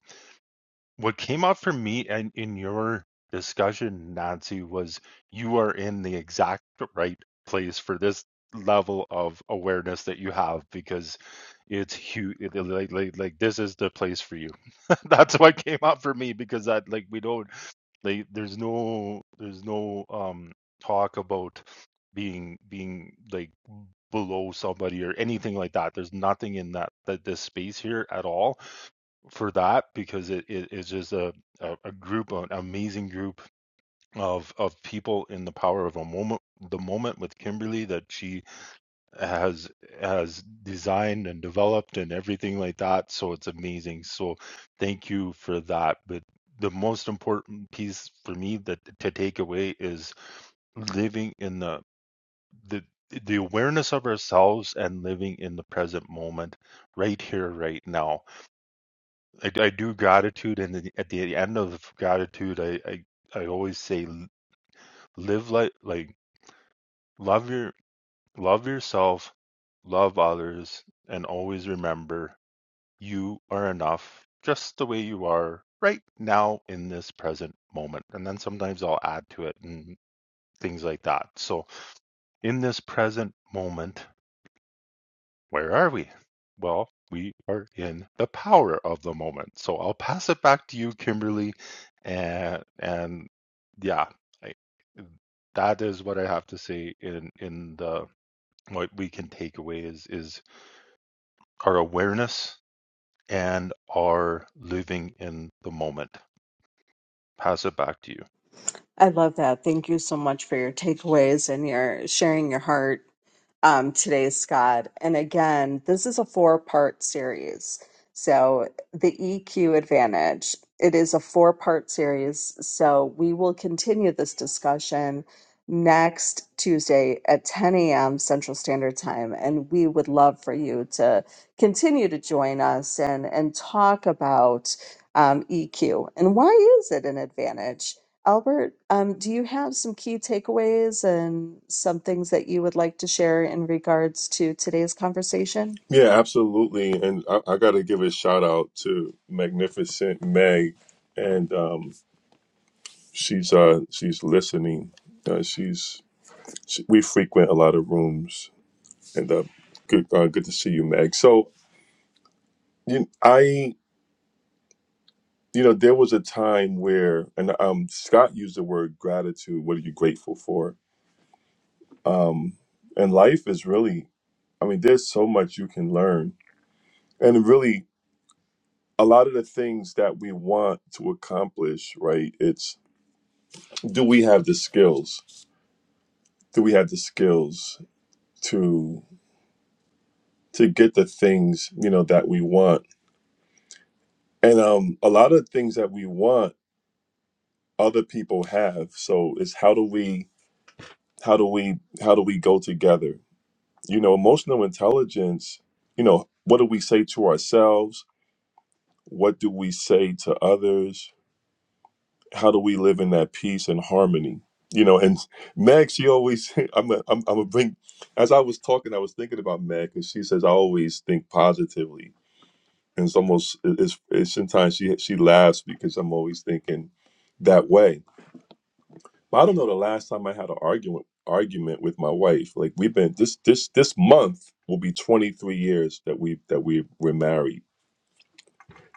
What came up for me and in your discussion, Nancy, was you are in the exact right place for this level of awareness that you have because it's huge. Like, like, like this is the place for you. [laughs] That's what came up for me because that like we don't like there's no there's no um talk about being being like below somebody or anything like that. There's nothing in that that this space here at all for that because it, it is it, just a, a, a group, an amazing group of of people in the power of a moment, the moment with Kimberly that she has has designed and developed and everything like that. So it's amazing. So thank you for that. But the most important piece for me that to take away is living in the the the awareness of ourselves and living in the present moment right here right now I, I do gratitude, and then at the end of gratitude, I, I I always say, live like like love your love yourself, love others, and always remember you are enough, just the way you are right now in this present moment. And then sometimes I'll add to it and things like that. So in this present moment. Where are we? Well, we are in the power of the moment. So I'll pass it back to you, Kimberly, and and yeah, I, that is what I have to say. In in the what we can take away is is our awareness and our living in the moment. Pass it back to you. I love that. Thank you so much for your takeaways and your sharing your heart um, today, Scott. And again, this is a four part series. So, the EQ advantage, it is a four part series. So, we will continue this discussion next Tuesday at 10 a.m. Central Standard Time. And we would love for you to continue to join us and, and talk about um, EQ and why is it an advantage? Albert, um, do you have some key takeaways and some things that you would like to share in regards to today's conversation? Yeah, absolutely, and I, I got to give a shout out to Magnificent Meg, and um, she's uh, she's listening. Uh, she's she, we frequent a lot of rooms, and uh, good uh, good to see you, Meg. So you, I you know there was a time where and um scott used the word gratitude what are you grateful for um and life is really i mean there's so much you can learn and really a lot of the things that we want to accomplish right it's do we have the skills do we have the skills to to get the things you know that we want and um a lot of things that we want other people have so it's how do we how do we how do we go together you know emotional intelligence you know what do we say to ourselves what do we say to others how do we live in that peace and harmony you know and meg she always [laughs] i'm a, i'm, I'm a bring as i was talking i was thinking about meg and she says i always think positively and it's almost it's, it's sometimes she she laughs because i'm always thinking that way But I don't know the last time I had an argument argument with my wife. Like we've been this this this month will be 23 years that we that we were married.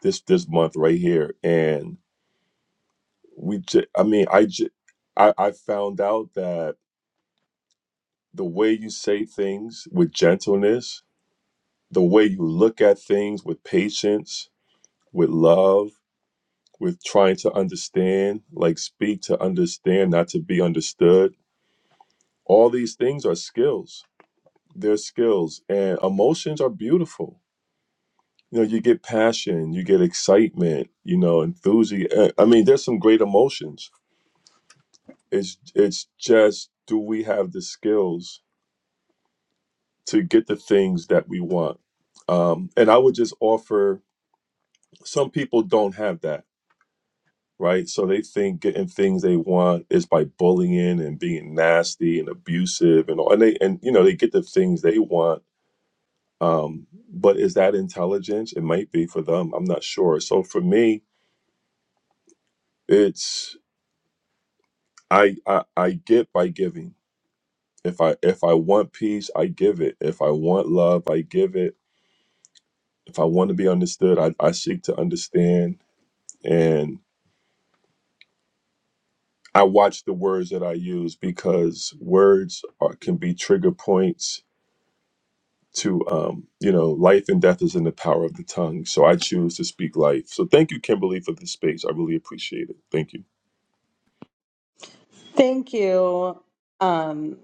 This this month right here, and we. J- I mean, I, j- I I found out that the way you say things with gentleness, the way you look at things with patience, with love, with trying to understand, like speak to understand, not to be understood. All these things are skills their skills and emotions are beautiful you know you get passion you get excitement you know enthusiasm i mean there's some great emotions it's it's just do we have the skills to get the things that we want um and i would just offer some people don't have that right so they think getting things they want is by bullying and being nasty and abusive and all and they and you know they get the things they want Um, but is that intelligence? It might be for them. I'm not sure. So for me, it's I I, I get by giving. If I if I want peace, I give it. If I want love, I give it. If I want to be understood, I, I seek to understand. And I watch the words that I use because words are, can be trigger points to um, you know, life and death is in the power of the tongue. So I choose to speak life. So thank you, Kimberly, for this space. I really appreciate it. Thank you. Thank you. Um,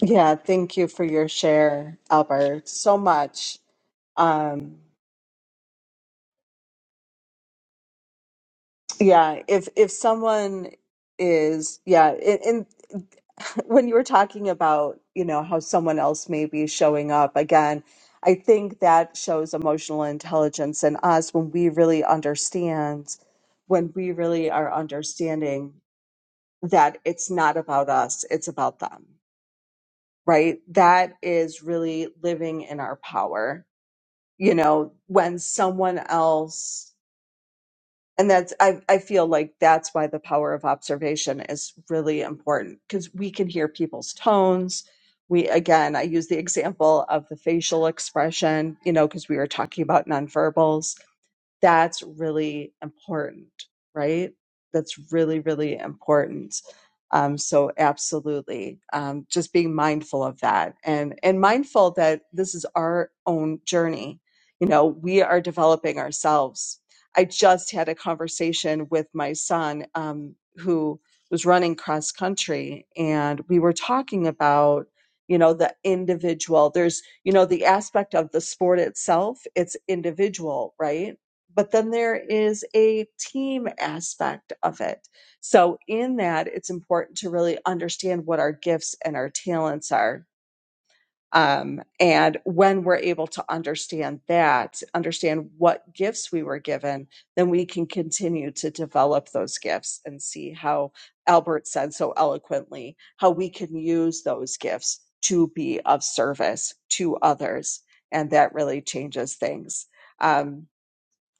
yeah, thank you for your share, Albert, so much. Um, Yeah, if if someone is, yeah, and, and [laughs] when you were talking about, you know, how someone else may be showing up again, I think that shows emotional intelligence in us when we really understand, when we really are understanding that it's not about us, it's about them, right? That is really living in our power. You know, when someone else and that's I, I feel like that's why the power of observation is really important because we can hear people's tones we again i use the example of the facial expression you know because we were talking about nonverbals that's really important, right? That's really, really important. Um, so absolutely, um, just being mindful of that and, and mindful that this is our own journey. You know, we are developing ourselves. I just had a conversation with my son, um, who was running cross country and we were talking about, you know, the individual, there's, you know, the aspect of the sport itself, it's individual, right? but then there is a team aspect of it. So, in that, it's important to really understand what our gifts and our talents are. Um, and when we're able to understand that, understand what gifts we were given, then we can continue to develop those gifts and see how Albert said so eloquently how we can use those gifts to be of service to others. And that really changes things. Um,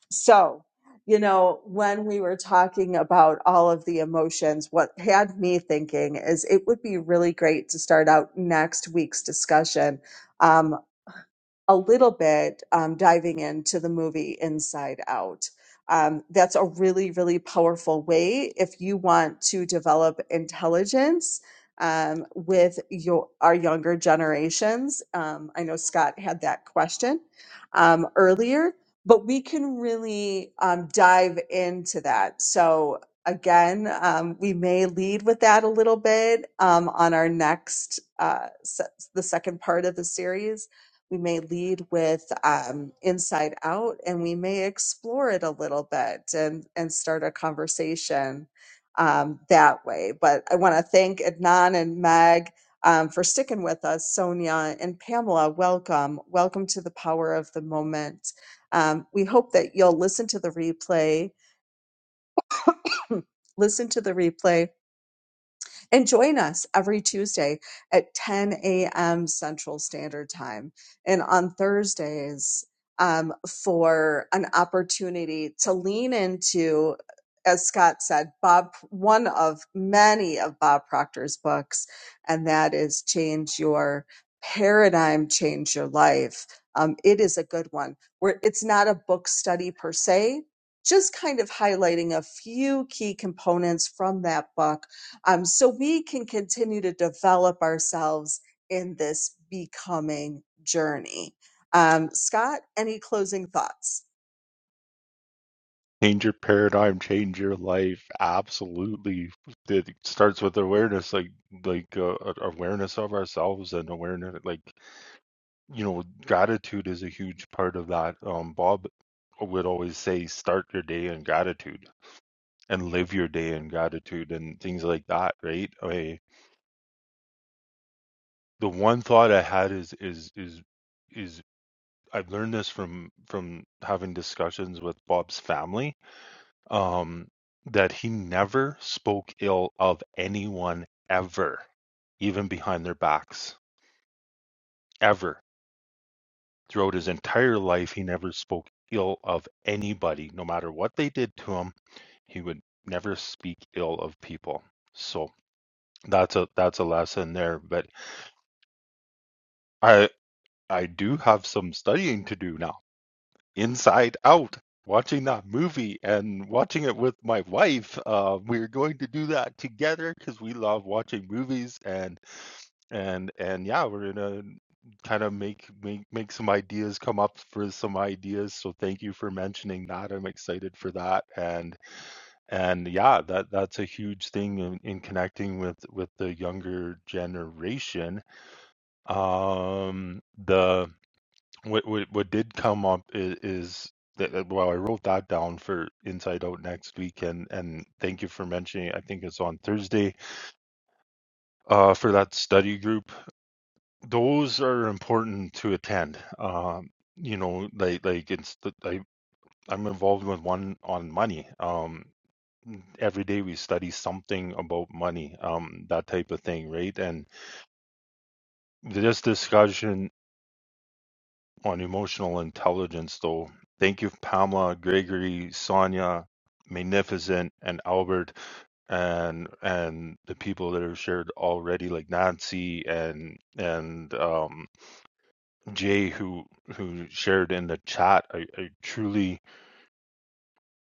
so, you know, when we were talking about all of the emotions, what had me thinking is it would be really great to start out next week's discussion. um, a little bit um, diving into the movie Inside Out. Um, that's a really, really powerful way if you want to develop intelligence um, with your our younger generations. Um, I know Scott had that question um, earlier, but we can really um, dive into that. So again, um, we may lead with that a little bit um, on our next uh, se- the second part of the series we may lead with um, inside out and we may explore it a little bit and, and start a conversation um, that way. But I want to thank Adnan and Meg um, for sticking with us. Sonia and Pamela, welcome. Welcome to the power of the moment. Um, we hope that you'll listen to the replay. [clears throat] listen to the replay and join us every Tuesday at 10 a.m. Central Standard Time. And on Thursdays, um, for an opportunity to lean into, as Scott said, Bob, one of many of Bob Proctor's books, and that is Change Your Paradigm, Change Your Life. Um, it is a good one where it's not a book study per se, just kind of highlighting a few key components from that book um, so we can continue to develop ourselves in this becoming journey. Um, Scott, any closing thoughts? Change your paradigm, change your life. Absolutely, it starts with awareness, like like uh, awareness of ourselves and awareness, like. you know, gratitude is a huge part of that. Um, Bob would always say, start your day in gratitude and live your day in gratitude and things like that, right? I, the one thought I had is, is, is, is I've learned this from, from having discussions with Bob's family, um, that he never spoke ill of anyone ever, even behind their backs, ever Throughout his entire life, he never spoke ill of anybody, no matter what they did to him. He would never speak ill of people. So that's a that's a lesson there. But I I do have some studying to do now. Inside Out, watching that movie and watching it with my wife. Uh, we're going to do that together because we love watching movies and And and yeah, we're gonna kind of make make make some ideas, come up for some ideas. So thank you for mentioning that. I'm excited for that. And and yeah, that that's a huge thing in, in connecting with with the younger generation. Um, the what what what did come up is, is that that- well, I wrote that down for Inside Out next week, and and thank you for mentioning. it. I think it's on Thursday uh, for that study group those are important to attend. Um, you know, like like it's the, I I'm involved with one on money. Um, every day we study something about money, um, that type of thing, right? And this discussion on emotional intelligence, though. Thank you, Pamela, Gregory, Sonia, Magnificent, and Albert, and and the people that have shared already, like Nancy and and um Jay who who shared in the chat. I, I truly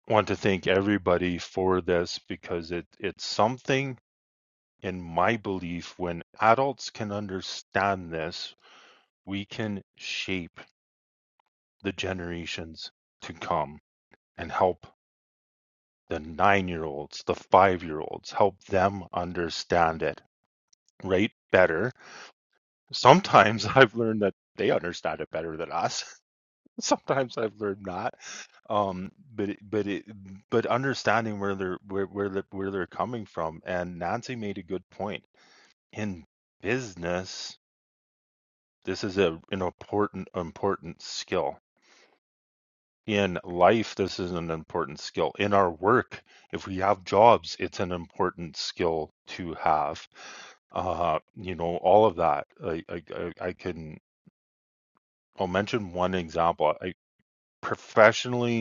want to thank everybody for this because it it's something in my belief when adults can understand this, we can shape the generations to come and help the 9-year-olds, the 5-year-olds, help them understand it right better. Sometimes [laughs] I've learned that they understand it better than us. [laughs] Sometimes I've learned not, um, but it, but it, but understanding where they're where where they're, where they're coming from, and Nancy made a good point. In business, this is a an important important skill. In life, this is an important skill. In our work, if we have jobs, it's an important skill to have. Uh, you know, all of that. I I I I can. I'll mention one example. I professionally.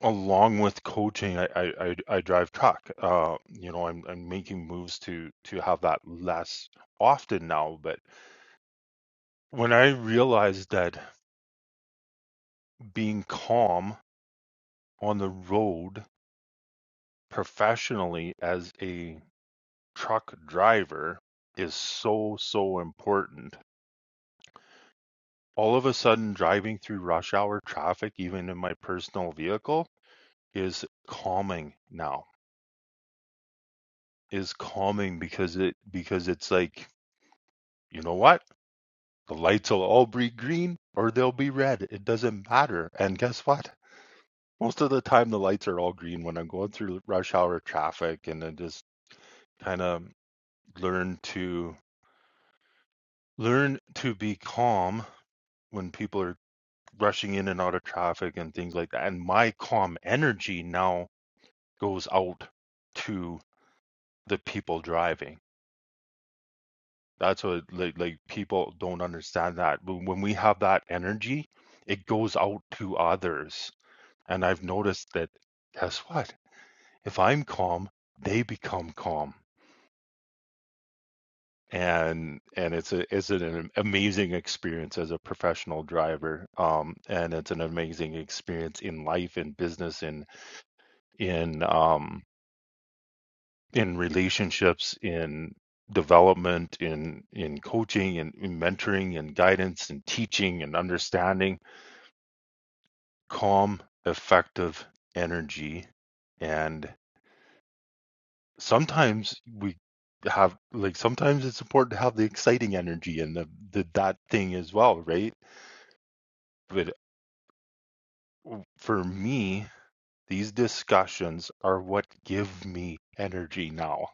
along with coaching, I I I, I drive truck. Uh, you know, I'm I'm making moves to to have that less often now. But when I realized that being calm on the road professionally as a truck driver is so so important. All of a sudden, driving through rush hour traffic, even in my personal vehicle, is calming now. Is calming because it because it's like you know what The lights will all be green or they'll be red. It doesn't matter. And guess what? Most of the time, the lights are all green when I'm going through rush hour traffic, and I just kind of learn to learn to be calm when people are rushing in and out of traffic and things like that. And my calm energy now goes out to the people driving. That's what like like people don't understand that. But when we have that energy, it goes out to others And I've noticed that guess what? If I'm calm, they become calm. And and it's a it's an amazing experience as a professional driver. Um, and it's an amazing experience in life, in business, in in um in relationships, in development, in in coaching and in mentoring and guidance and teaching and understanding calm, effective energy. And sometimes we have like sometimes it's important to have the exciting energy and the, the that thing as well right but for me these discussions are what give me energy now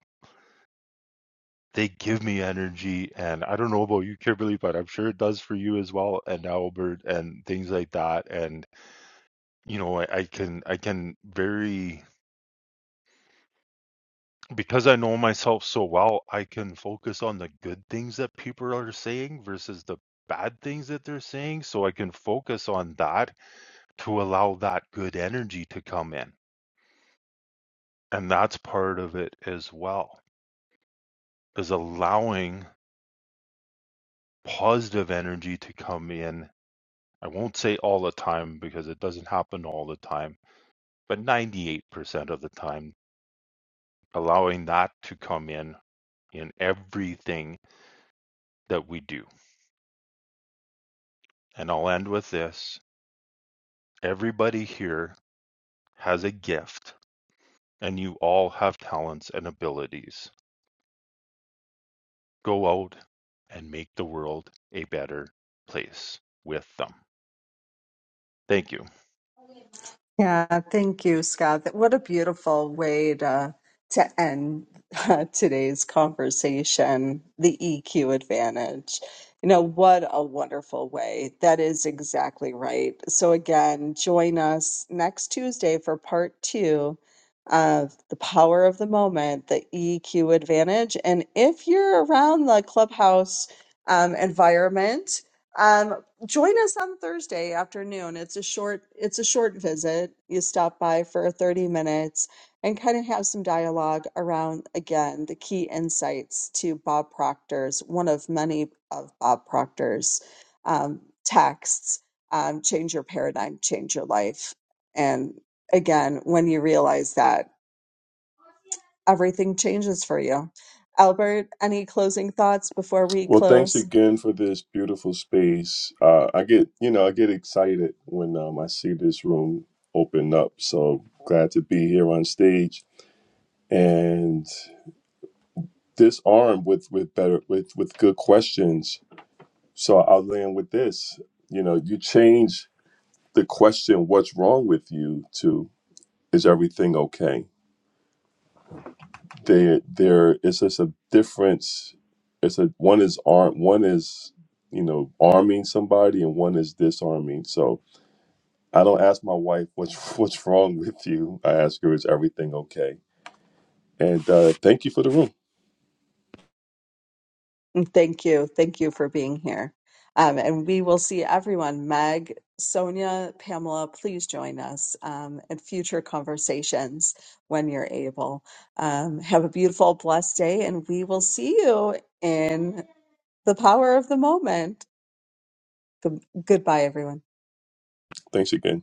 they give me energy and i don't know about you kimberly but i'm sure it does for you as well and albert and things like that and you know i, I can i can very because I know myself so well, I can focus on the good things that people are saying versus the bad things that they're saying. So I can focus on that to allow that good energy to come in. And that's part of it as well, is allowing positive energy to come in. I won't say all the time because it doesn't happen all the time, but 98% of the time, allowing that to come in in everything that we do. And I'll end with this Everybody here has a gift, and you all have talents and abilities. Go out and make the world a better place with them. Thank you. Yeah, thank you, Scott. That- What a beautiful way to to end [laughs] uh, today's conversation, the EQ advantage. You know, what a wonderful way. That is exactly right. So again, join us next Tuesday for part 2 of The Power of the Moment, the EQ advantage. And if you're around the clubhouse um, environment, um, join us on Thursday afternoon. It's a short it's a short visit. You stop by for 30 minutes and kind of have some dialogue around again the key insights to Bob Proctor's one of many of Bob Proctor's um, texts um, change your paradigm, change your life. And again, when you realize that everything changes for you. Albert, any closing thoughts before we Well, thanks close? again for this beautiful space. Uh, I get, you know, I get excited when um, I see this room open up. So glad to be here on stage and this armed with with better with with good questions. So I'll land with this. You know, you change the question, "What's wrong with you?" to "Is everything okay?" There, there is just a difference. It's a one is armed, one is you know arming somebody, and one is disarming. So I don't ask my wife what's [laughs] what's wrong with you. I ask her is everything okay. And uh, thank you for the room. Thank you. Thank you for being here. Um, and we will see everyone. Meg, Sonia, Pamela, please join us um, in future conversations when you're able. Um, have a beautiful, blessed day, and we will see you in the power of the moment. Good- goodbye, everyone. Thanks again.